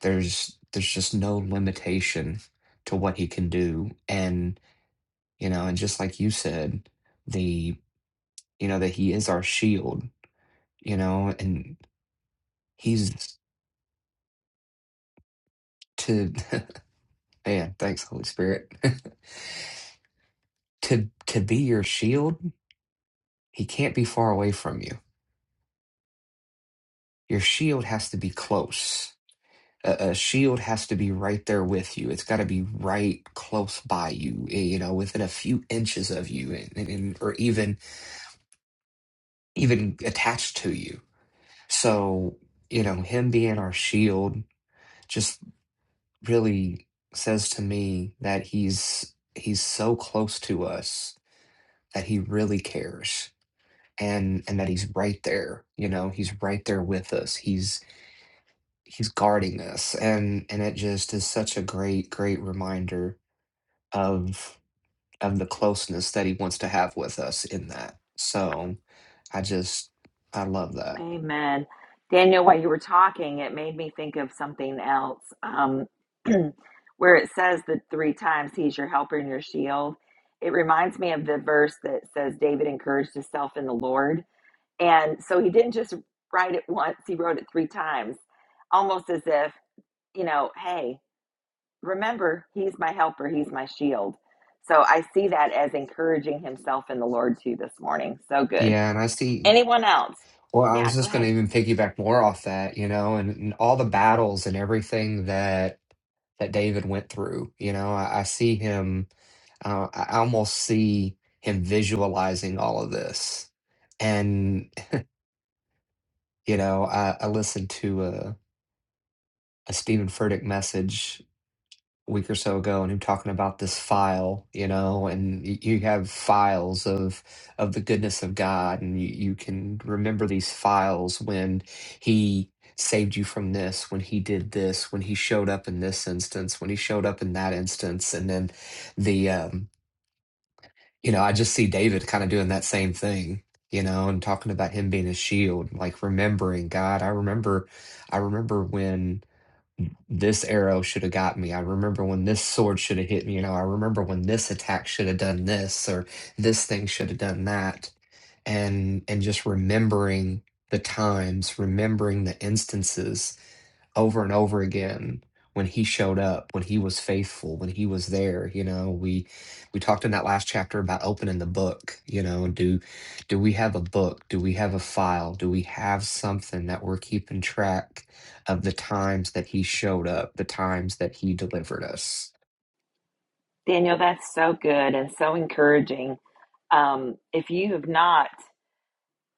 S9: There's there's just no limitation to what he can do. And, you know, and just like you said, the you know, that he is our shield, you know, and he's to man, thanks, Holy Spirit. to to be your shield, he can't be far away from you. Your shield has to be close a, a shield has to be right there with you. It's got to be right close by you, eh, you know, within a few inches of you, and, and, and or even even attached to you. So you know, him being our shield just really says to me that he's he's so close to us that he really cares and and that he's right there you know he's right there with us he's he's guarding us and and it just is such a great great reminder of of the closeness that he wants to have with us in that. So I just, I love that.
S1: Amen. Daniel, while you were talking, it made me think of something else um, where it says the three times, He's your helper and your shield. It reminds me of the verse that says, David encouraged himself in the Lord. And so he didn't just write it once, he wrote it three times, almost as if, you know, hey, remember, he's my helper, he's my shield. So I see that as encouraging himself in the Lord too this morning. So good.
S9: Yeah. And I see,
S1: Anyone else?
S9: well, I
S1: Yeah,
S9: was
S1: go
S9: just going
S1: ahead.
S9: to even piggyback more off that, you know, and, and all the battles and everything that, that David went through, you know, I, I see him, uh, I almost see him visualizing all of this. And, you know, I, I listened to a, a Stephen Furtick message week or so ago and him talking about this file, you know, and y- you have files of of the goodness of God and you, you can remember these files when he saved you from this, when he did this, when he showed up in this instance, when he showed up in that instance and then the um you know, I just see David kind of doing that same thing, you know, and talking about him being a shield, like remembering God. I remember I remember when this arrow should have got me. I remember when this sword should have hit me. You know, I remember when this attack should have done this or this thing should have done that. And and just remembering the times, remembering the instances over and over again when he showed up, when he was faithful, when he was there, you know, we we talked in that last chapter about opening the book, you know, do do we have a book? Do we have a file? Do we have something that we're keeping track of the times that he showed up, the times that he delivered us.
S1: Daniel, that's so good and so encouraging. Um, if you have not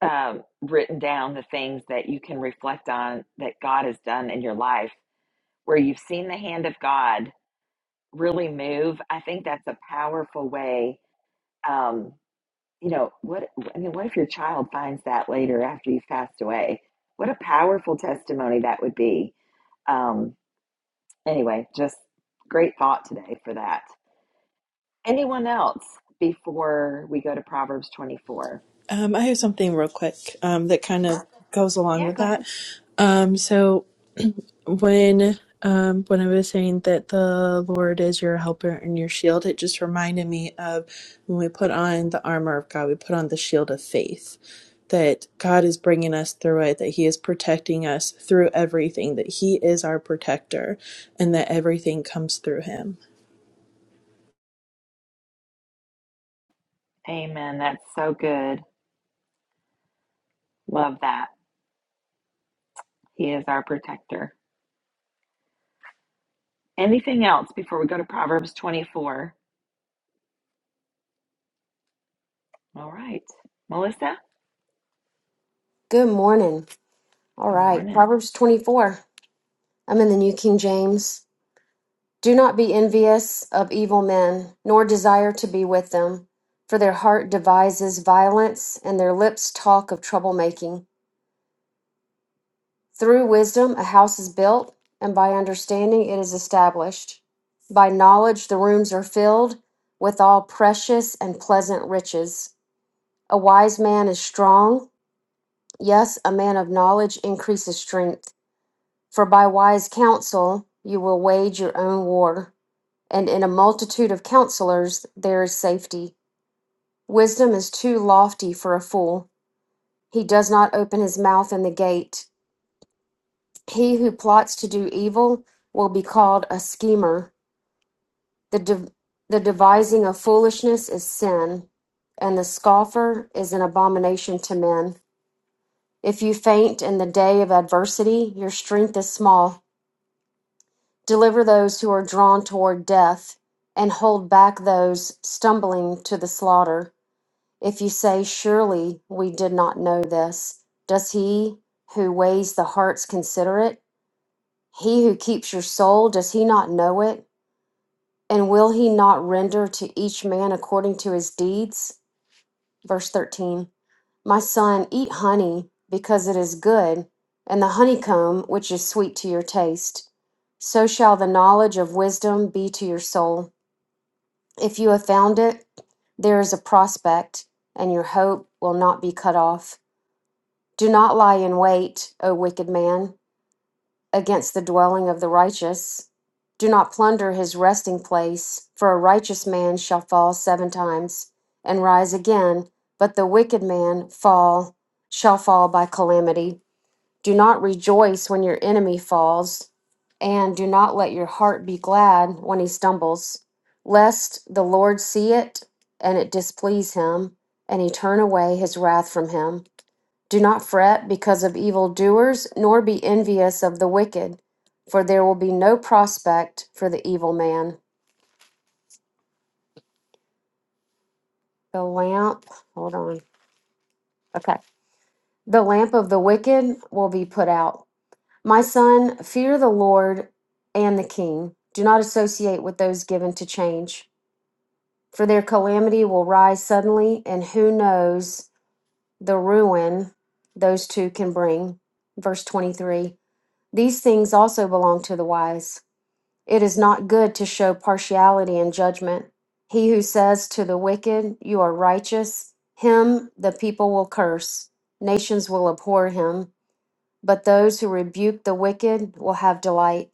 S1: um, written down the things that you can reflect on that God has done in your life, where you've seen the hand of God really move, I think that's a powerful way. Um, you know what i mean what if your child finds that later after you've passed away what a powerful testimony that would be um anyway just great thought today for that anyone else before we go to proverbs 24
S10: Um, I have something real quick um, that kind of goes along
S1: yeah
S10: with
S1: go
S10: that.
S1: ahead
S10: Um, so when um, when I was saying that the Lord is your helper and your shield, it just reminded me of when we put on the armor of God, we put on the shield of faith. That God is bringing us through it, that He is protecting us through everything, that He is our protector, and that everything comes through Him.
S1: amen that's so good love that he is our protector anything else before we go to proverbs 24 all right melissa
S6: good morning all
S1: good
S6: right
S1: morning
S6: proverbs 24 i'm in the new king james do not be envious of evil men nor desire to be with them for their heart devises violence and their lips talk of troublemaking Through wisdom, a house is built, and by understanding, it is established. By knowledge, the rooms are filled with all precious and pleasant riches. A wise man is strong. Yes, a man of knowledge increases strength. For by wise counsel, you will wage your own war, and in a multitude of counselors, there is safety. Wisdom is too lofty for a fool. He does not open his mouth in the gate. He who plots to do evil will be called a schemer. The, de- the devising of foolishness is sin, and the scoffer is an abomination to men. If you faint in the day of adversity, your strength is small. Deliver those who are drawn toward death, and hold back those stumbling to the slaughter. If you say, Surely we did not know this, does he who weighs the hearts consider it? He who keeps your soul, does he not know it? And will he not render to each man according to his deeds? Verse 13 My son, eat honey, because it is good, and the honeycomb, which is sweet to your taste. So shall the knowledge of wisdom be to your soul. If you have found it, there is a prospect, and your hope will not be cut off. Do not lie in wait, O wicked man against the dwelling of the righteous. Do not plunder his resting place, for a righteous man shall fall seven times and rise again, but the wicked man fall shall fall by calamity. Do not rejoice when your enemy falls, and do not let your heart be glad when he stumbles, lest the Lord see it and it displease him, and he turn away his wrath from him. Do not fret because of evildoers, nor be envious of the wicked, for there will be no prospect for the evil man. The lamp, hold on. Okay. The lamp of the wicked will be put out. My son, fear the Lord and the king. Do not associate with those given to change, for their calamity will rise suddenly, and who knows the ruin those two can bring. Verse 23 These things also belong to the wise It is not good to show partiality in judgment. He who says to the wicked, You are righteous, him the people will curse. Nations will abhor him. But those who rebuke the wicked will have delight,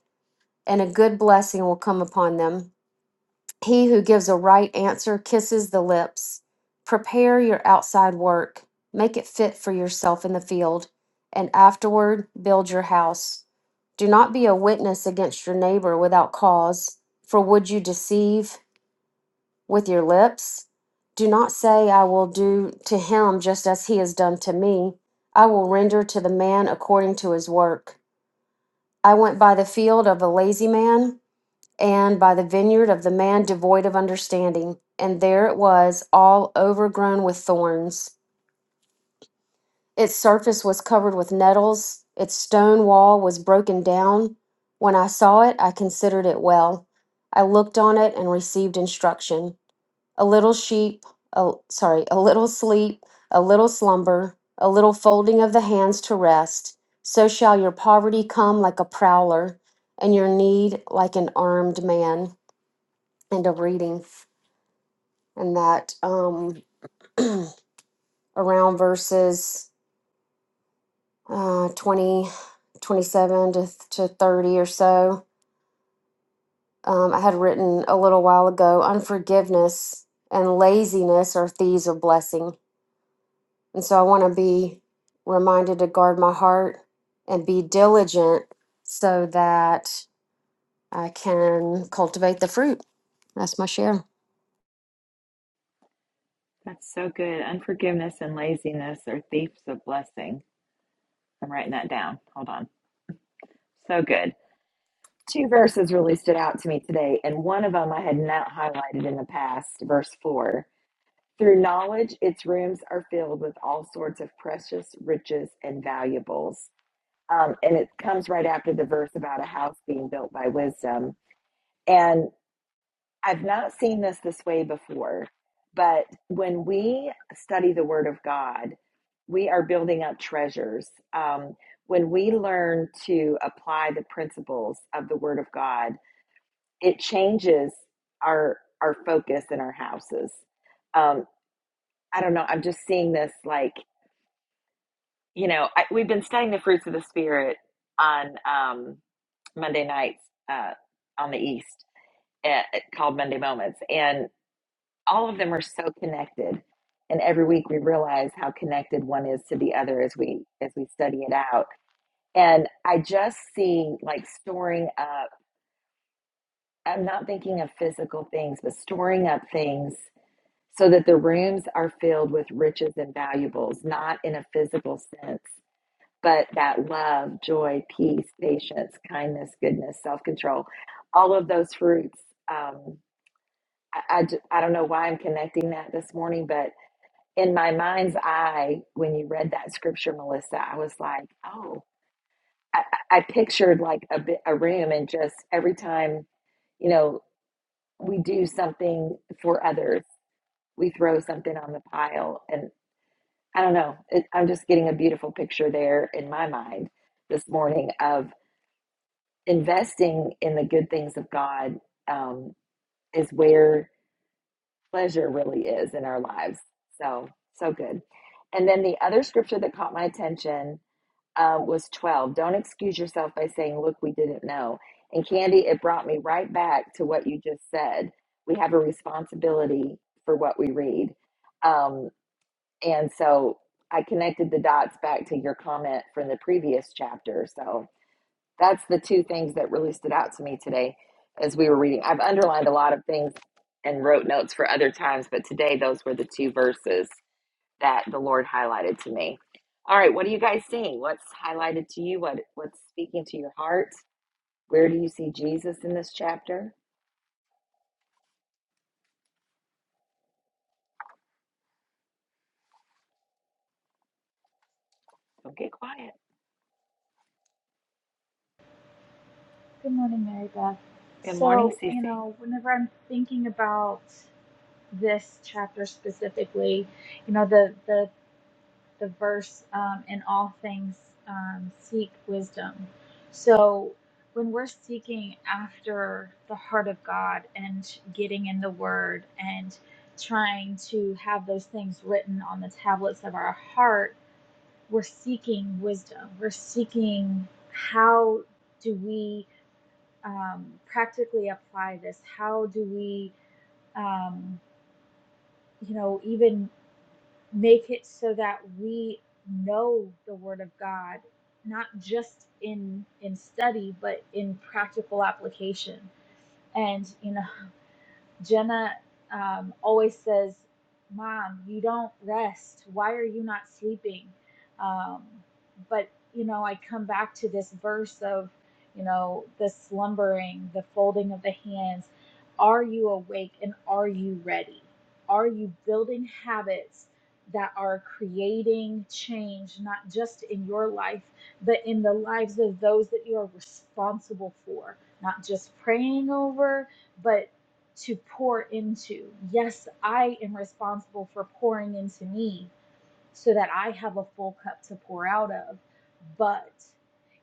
S6: and a good blessing will come upon them. He who gives a right answer kisses the lips. Prepare your outside work, make it fit for yourself in the field, and afterward build your house. Do not be a witness against your neighbor without cause, for would you deceive with your lips? Do not say, I will do to him just as he has done to me. I will render to the man according to his work. I went by the field of a lazy man and by the vineyard of the man devoid of understanding. And there it was, all overgrown with thorns. Its surface was covered with nettles, its stone wall was broken down. When I saw it, I considered it well. I looked on it and received instruction. A little sheep, a, sorry, a little sleep, a little slumber, a little folding of the hands to rest. So shall your poverty come like a prowler, and your need like an armed man. End of reading. and that um, around verses uh, 20, twenty-seven to, to 30 or so, um, I had written a little while ago unforgiveness and laziness are thieves of blessing. And so I want to be reminded to guard my heart and be diligent so that I can cultivate the fruit. That's my share.
S1: that's so good unforgiveness and laziness are thieves of blessing I'm writing that down. Hold on. So good. Two verses really stood out to me today, and one of them I had not highlighted in the past, verse 4. Through knowledge, its rooms are filled with all sorts of precious riches and valuables. Um, and it comes right after the verse about a house being built by wisdom. And I've not seen this this way before, but when we study the Word of God, we are building up treasures. Um, when we learn to apply the principles of the Word of God, it changes our our focus in our houses. Um, I don't know. I'm just seeing this like you know I, we've been studying the fruits of the Spirit on um, Monday nights uh, on the East uh, called Monday Moments, and. all of them are so connected and every week we realize how connected one is to the other as we as we study it out and i just see like storing up i'm not thinking of physical things but storing up things so that the rooms are filled with riches and valuables not in a physical sense but that love joy peace patience kindness goodness self-control all of those fruits um, I, I, ju- I don't know why i'm connecting that this morning but in my mind's eye, when you read that scripture, Melissa, I was like, oh, I, I pictured like a, bit a room, and just every time, you know, we do something for others, we throw something on the pile. And I don't know, it, I'm just getting a beautiful picture there in my mind this morning of investing in the good things of God um, is where pleasure really is in our lives. So, so good. And then the other scripture that caught my attention uh, was 12. Don't excuse yourself by saying, Look, we didn't know. And Candy, it brought me right back to what you just said. We have a responsibility for what we read. Um, and so I connected the dots back to your comment from the previous chapter. So that's the two things that really stood out to me today as we were reading. I've underlined a lot of things and wrote notes for other times, but today those were the two verses that the Lord highlighted to me. All right, what are you guys seeing? What's highlighted to you? What what's speaking to your heart? Where do you see Jesus in this chapter? Don't get quiet.
S7: Good morning, Mary Beth.
S1: Good morning,
S7: So,
S1: CC.
S7: you know, whenever I'm thinking about this chapter specifically, you know, the the the verse um, in all things um, seek wisdom so when we're seeking after the heart of god and getting in the word and trying to have those things written on the tablets of our heart we're seeking wisdom we're seeking how do we um, practically apply this how do we um, you know even make it so that we know the word of god not just in in study but in practical application and you know Jenna um, always says, Mom, you don't rest. Why are you not sleeping? Um, but, you know, I come back to this verse of, you know, the slumbering, the folding of the hands. Are you awake and are you ready? Are you building habits that are creating change, not just in your life, but in the lives of those that you are responsible for? Not just praying over, but to pour into. Yes, I am responsible for pouring into me so that I have a full cup to pour out of. But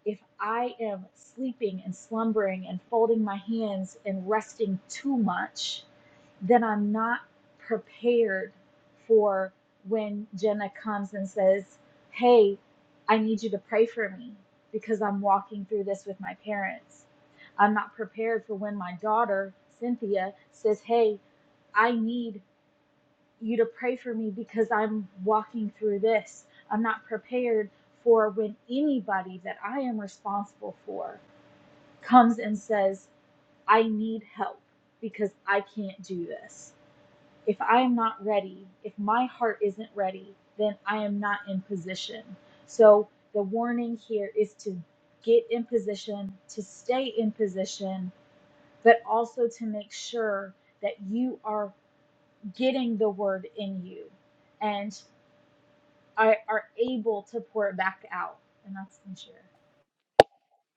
S7: if I am sleeping and slumbering and folding my hands and resting too much, then I'm not prepared for when Jenna comes and says, Hey, I need you to pray for me because I'm walking through this with my parents. I'm not prepared for when my daughter, Cynthia, says, Hey, I need you to pray for me because I'm walking through this. I'm not prepared for when anybody that I am responsible for comes and says, I need help because I can't do this. If I am not ready, if my heart isn't ready, then I am not in position. So the warning here is to get in position, to stay in position, but also to make sure that you are getting the word in you and. are, are able to pour it back out. And that's sincere.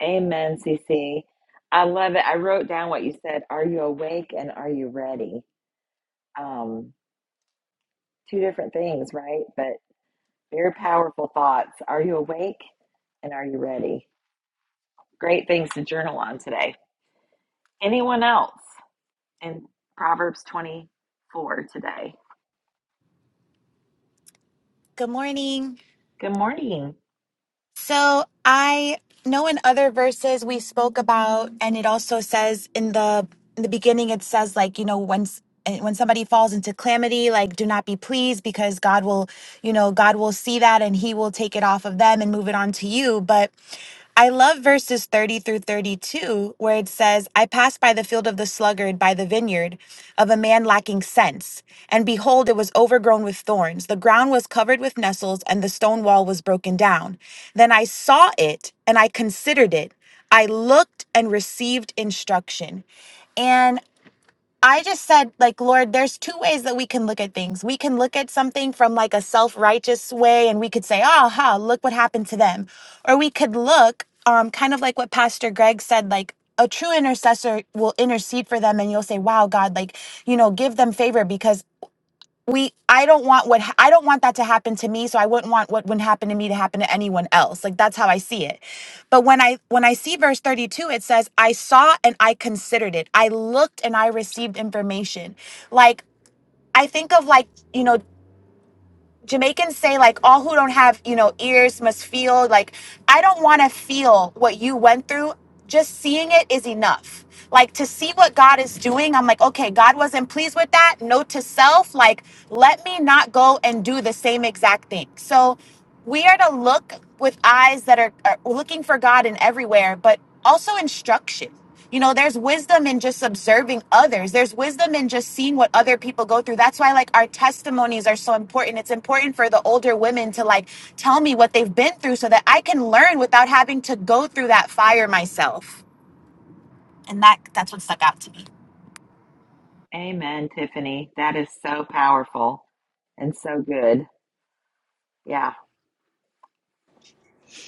S1: Amen, CC. I love it. I wrote down what you said. Are you awake and are you ready? Um, two different things, right? But very powerful thoughts. Are you awake and are you ready? Great things to journal on today. Anyone else in Proverbs 24 today?
S11: Good morning.
S1: Good morning.
S11: So I know in other verses we spoke about, and it also says in the in the beginning it says like you know when s- eh, when somebody falls into calamity, like do not be pleased because God will, you know, God will see that and He will take it off of them and move it on to you. But I love verses 30 through 32, where it says, I passed by the field of the sluggard, by the vineyard of a man lacking sense. And behold, it was overgrown with thorns. The ground was covered with nettles, and the stone wall was broken down. Then I saw it, and I considered it. I looked and received instruction. and." I just said, like, Lord, there's two ways that we can look at things. We can look at something from like a self righteous way and we could say, oh, ha, look what happened to them. Or we could look, um, kind of like what Pastor Greg said, like, a true intercessor will intercede for them and you'll say, wow, God, like, you know, give them favor because we i don't want what i don't want that to happen to me so i wouldn't want what wouldn't happen to me to happen to anyone else like that's how i see it but when i when i see verse 32 it says i saw and i considered it i looked and i received information like i think of like you know Jamaicans say like all who don't have, you know, ears must feel like I don't want to feel what you went through. Just seeing it is enough. Like to see what God is doing, I'm like, okay, God wasn't pleased with that. Note to self, like let me not go and do the same exact thing. So we are to look with eyes that are, are looking for God in everywhere, but also instruction. You know, there's wisdom in just observing others. There's wisdom in just seeing what other people go through. That's why like our testimonies are so important. It's important for the older women to like tell me what they've been through so that I can learn without having to go through that fire myself. And that that's what stuck out to me.
S1: Amen, Tiffany. That is so powerful and so good. Yeah.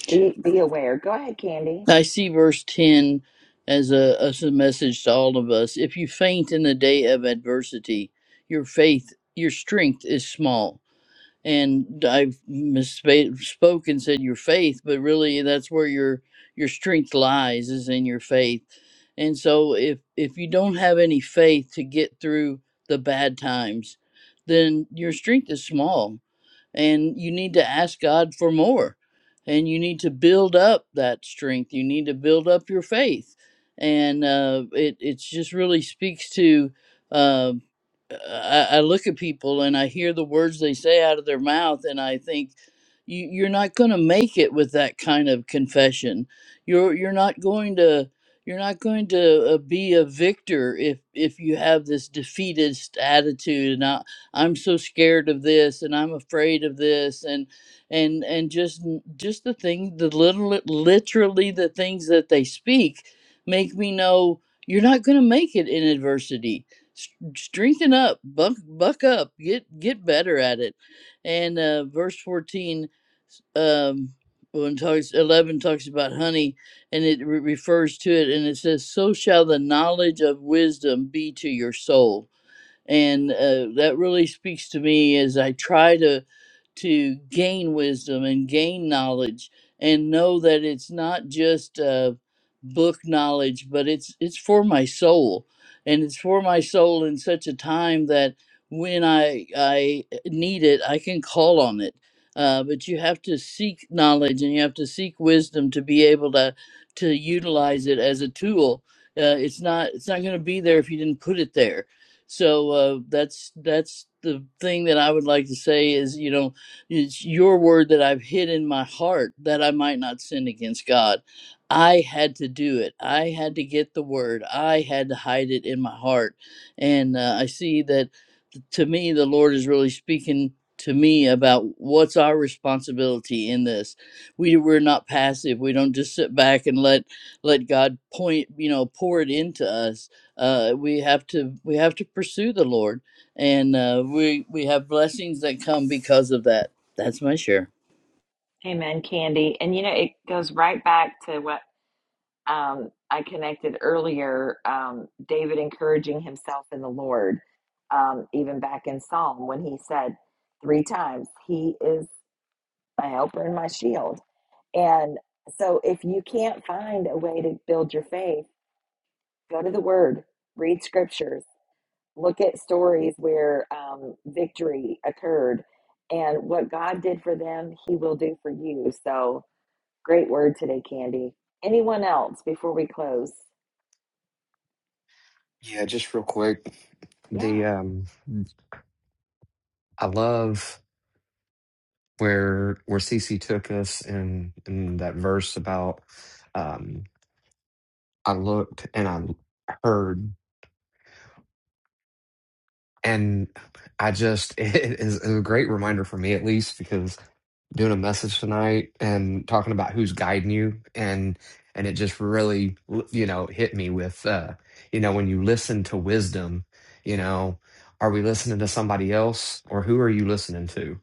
S1: Be be aware. Go ahead, Candy.
S5: I see verse 10 as a, as a message to all of us. If you faint in the day of adversity, your faith, your strength is small. And I've misspoke and said your faith, but really that's where your your strength lies is in your faith. And so if if you don't have any faith to get through the bad times, then your strength is small and you need to ask God for more. And you need to build up that strength. You need to build up your faith, and uh, it it just really speaks to. Uh, I, I look at people and I hear the words they say out of their mouth, and I think you, you're not going to make it with that kind of confession. You're you're not going to you're not going to uh, be a victor if if you have this defeatist attitude. And I, i'm so scared of this and i'm afraid of this and and and just n- just the thing the little literally the things that they speak make me know you're not going to make it in adversity S- strengthen up buck buck up get get better at it and uh verse 14 um when talks 11 talks about honey and it re- refers to it and it says so shall the knowledge of wisdom be to your soul and uh, that really speaks to me as I try to to gain wisdom and gain knowledge and know that it's not just uh, book knowledge, but it's it's for my soul, and it's for my soul in such a time that when I I uh, need it, I can call on it. Uh, but you have to seek knowledge and you have to seek wisdom to be able to to utilize it as a tool. Uh, it's not it's not going to be there if you didn't put it there so uh, that's that's the thing that I would like to say is you know it's your word that I've hid in my heart that I might not sin against God. I had to do it. I had to get the word. I had to hide it in my heart, and uh, I see that th- to me the Lord is really speaking to me about what's our responsibility in this. We we're not passive. We don't just sit back and let let God point you know pour it into us uh, we have to we have to pursue the Lord, and uh, we we have blessings that come because of that. That's my share.
S1: Amen, Candy. And you know, it goes right back to what um I connected earlier, um, David encouraging himself in the Lord, um, even back in Psalm when he said three times, He is my helper and my shield. And so if you can't find a way to build your faith, go to the word, read scriptures Look at stories where um, victory occurred, and what God did for them, He will do for you. So, great word today, Candy. Anyone else before we close?
S9: Yeah, just real quick.
S1: Yeah.
S9: The um I love where where Cece took us in in that verse about um I looked and I heard and I just it is a great reminder for me at least because. doing a message tonight and talking about who's guiding you and and it just really you know hit me with uh you know when you listen to wisdom you know are we listening to somebody else or who are you listening to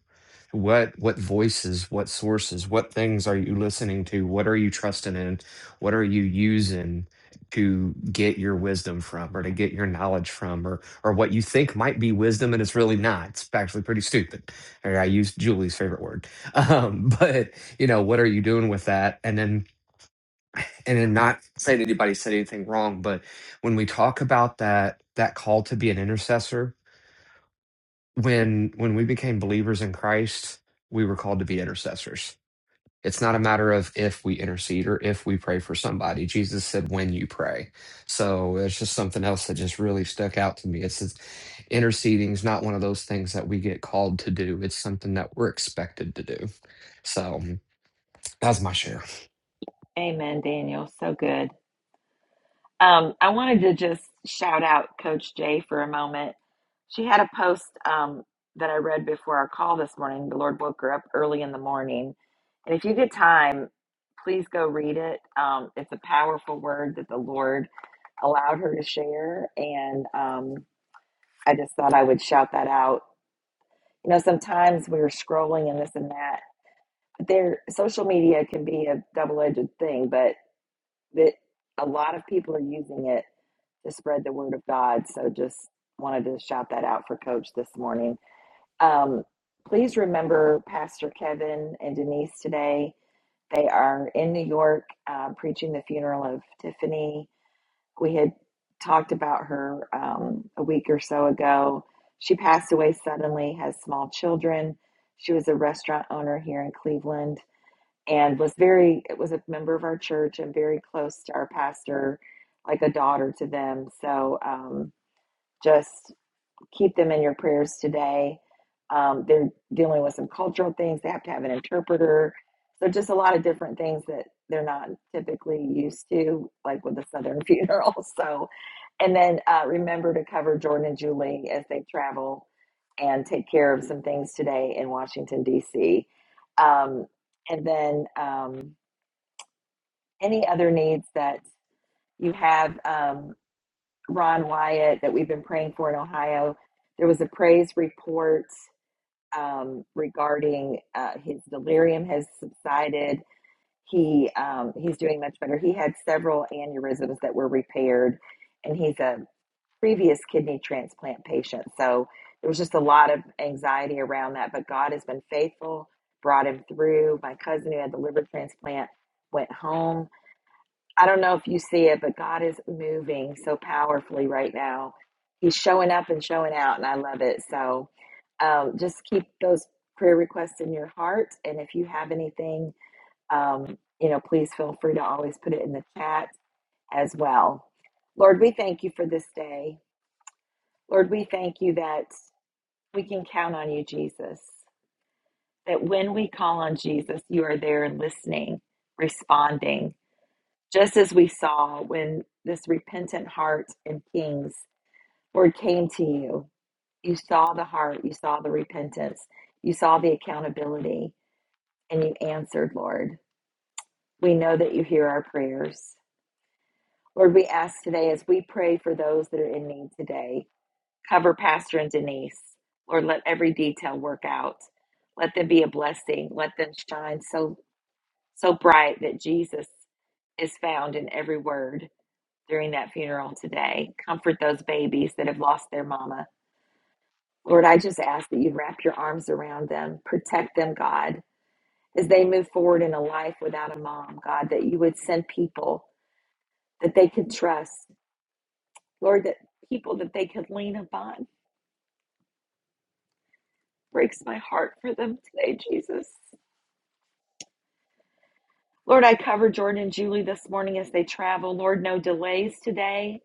S9: what what voices what sources what things are you listening to what are you trusting in what are you using to get your wisdom from or to get your knowledge from or or what you think might be wisdom and it's really not it's actually pretty stupid or i used julie's favorite word um but you know what are you doing with that and then and then not saying anybody said anything wrong but when we talk about that that call to be an intercessor when when we became believers in christ we were called to be intercessors it's not a matter of if we intercede or if we pray for somebody. Jesus said, when you pray. So it's just something else that just really stuck out to me. It's just, interceding is not one of those things that we get called to do, it's something that we're expected to do. So that's my share.
S1: Amen, Daniel. So good. Um, I wanted to just shout out Coach Jay for a moment. She had a post um, that I read before our call this morning. The Lord woke her up early in the morning. And if you get time, please go read it. Um, it's a powerful word that the Lord allowed her to share. And um, I just thought I would shout that out. You know, sometimes we're scrolling and this and that. There, social media can be a double edged thing, but that a lot of people are using it to spread the word of God. So just wanted to shout that out for Coach this morning. Um, please remember Pastor Kevin and Denise today. They are in New York uh, preaching the funeral of Tiffany. We had talked about her um, a week or so ago. She passed away suddenly, has small children. She was a restaurant owner here in Cleveland and was very it was a member of our church and very close to our pastor like a daughter to them so um, just Keep them in your prayers today. Um, they're dealing with some cultural things. They have to have an interpreter. So, just a lot of different things that they're not typically used to, like with the Southern funeral. So, and then uh, remember to cover Jordan and Julie as they travel and take care of some things today in Washington, D.C. Um, and then um, any other needs that you have. Um, Ron Wyatt that we've been praying for in Ohio. There was a praise report um, regarding uh, his delirium has subsided. He um, he's doing much better. He had several aneurysms that were repaired, and he's a previous kidney transplant patient. So there was just a lot of anxiety around that. But God has been faithful, brought him through. My cousin who had the liver transplant went home I don't know if you see it, but God is moving so powerfully right now. He's showing up and showing out, and I love it. So um, just keep those prayer requests in your heart. And if you have anything, um, you know, please feel free to always put it in the chat as well. Lord, we thank you for this day. Lord, we thank you that we can count on you, Jesus, that when we call on Jesus, you are there and listening, responding. just as we saw when this repentant heart in Kings, Lord came to you, you saw the heart, you saw the repentance, you saw the accountability, and you answered, Lord. We know that you hear our prayers. Lord, we ask today as we pray for those that are in need today, cover Pastor and Denise. Lord, let every detail work out. Let them be a blessing. Let them shine so so bright that Jesus is found in every word. during that funeral today. Comfort those babies that have lost their mama. Lord, I just ask that you wrap your arms around them, protect them, God, as they move forward in a life without a mom, God, that you would send people that they could trust. Lord, that people that they could lean upon. Breaks my heart for them today, Jesus. Lord, I cover Jordan and Julie this morning as they travel. Lord, no delays today.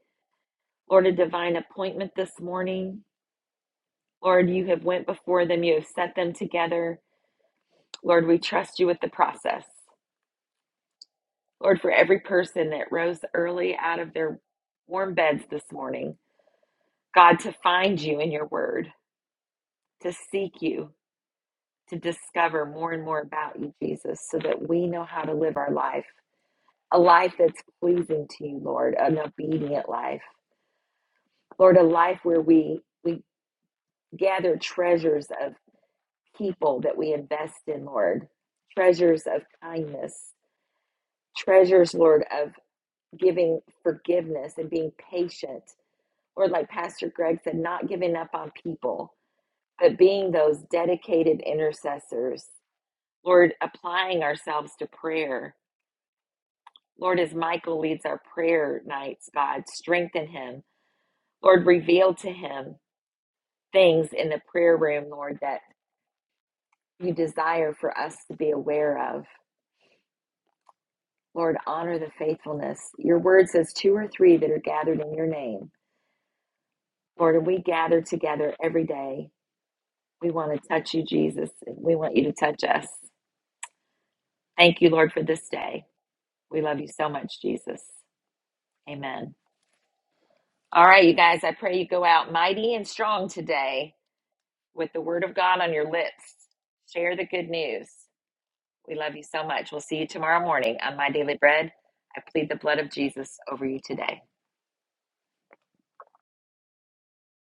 S1: Lord, a divine appointment this morning. Lord, you have went before them. You have set them together. Lord, we trust you with the process. Lord, for every person that rose early out of their warm beds this morning, God, to find you in your word, to seek you, to discover more and more about you, Jesus, so that we know how to live our life, a life that's pleasing to you, Lord, an obedient life. Lord, a life where we, we gather treasures of people that we invest in, Lord, treasures of kindness, treasures, Lord, of giving forgiveness and being patient, or like Pastor Greg said, not giving up on people, but being those dedicated intercessors. Lord, applying ourselves to prayer. Lord, as Michael leads our prayer nights, God, strengthen him. Lord, reveal to him things in the prayer room, Lord, that you desire for us to be aware of. Lord, honor the faithfulness. Your word says two or three that are gathered in your name. Lord, and we gather together every day We want to touch you, Jesus. We want you to touch us. Thank you, Lord, for this day. We love you so much, Jesus. Amen. All right, you guys, I pray you go out mighty and strong today with the word of God on your lips. Share the good news. We love you so much. We'll see you tomorrow morning on My Daily Bread. I plead the blood of Jesus over you today.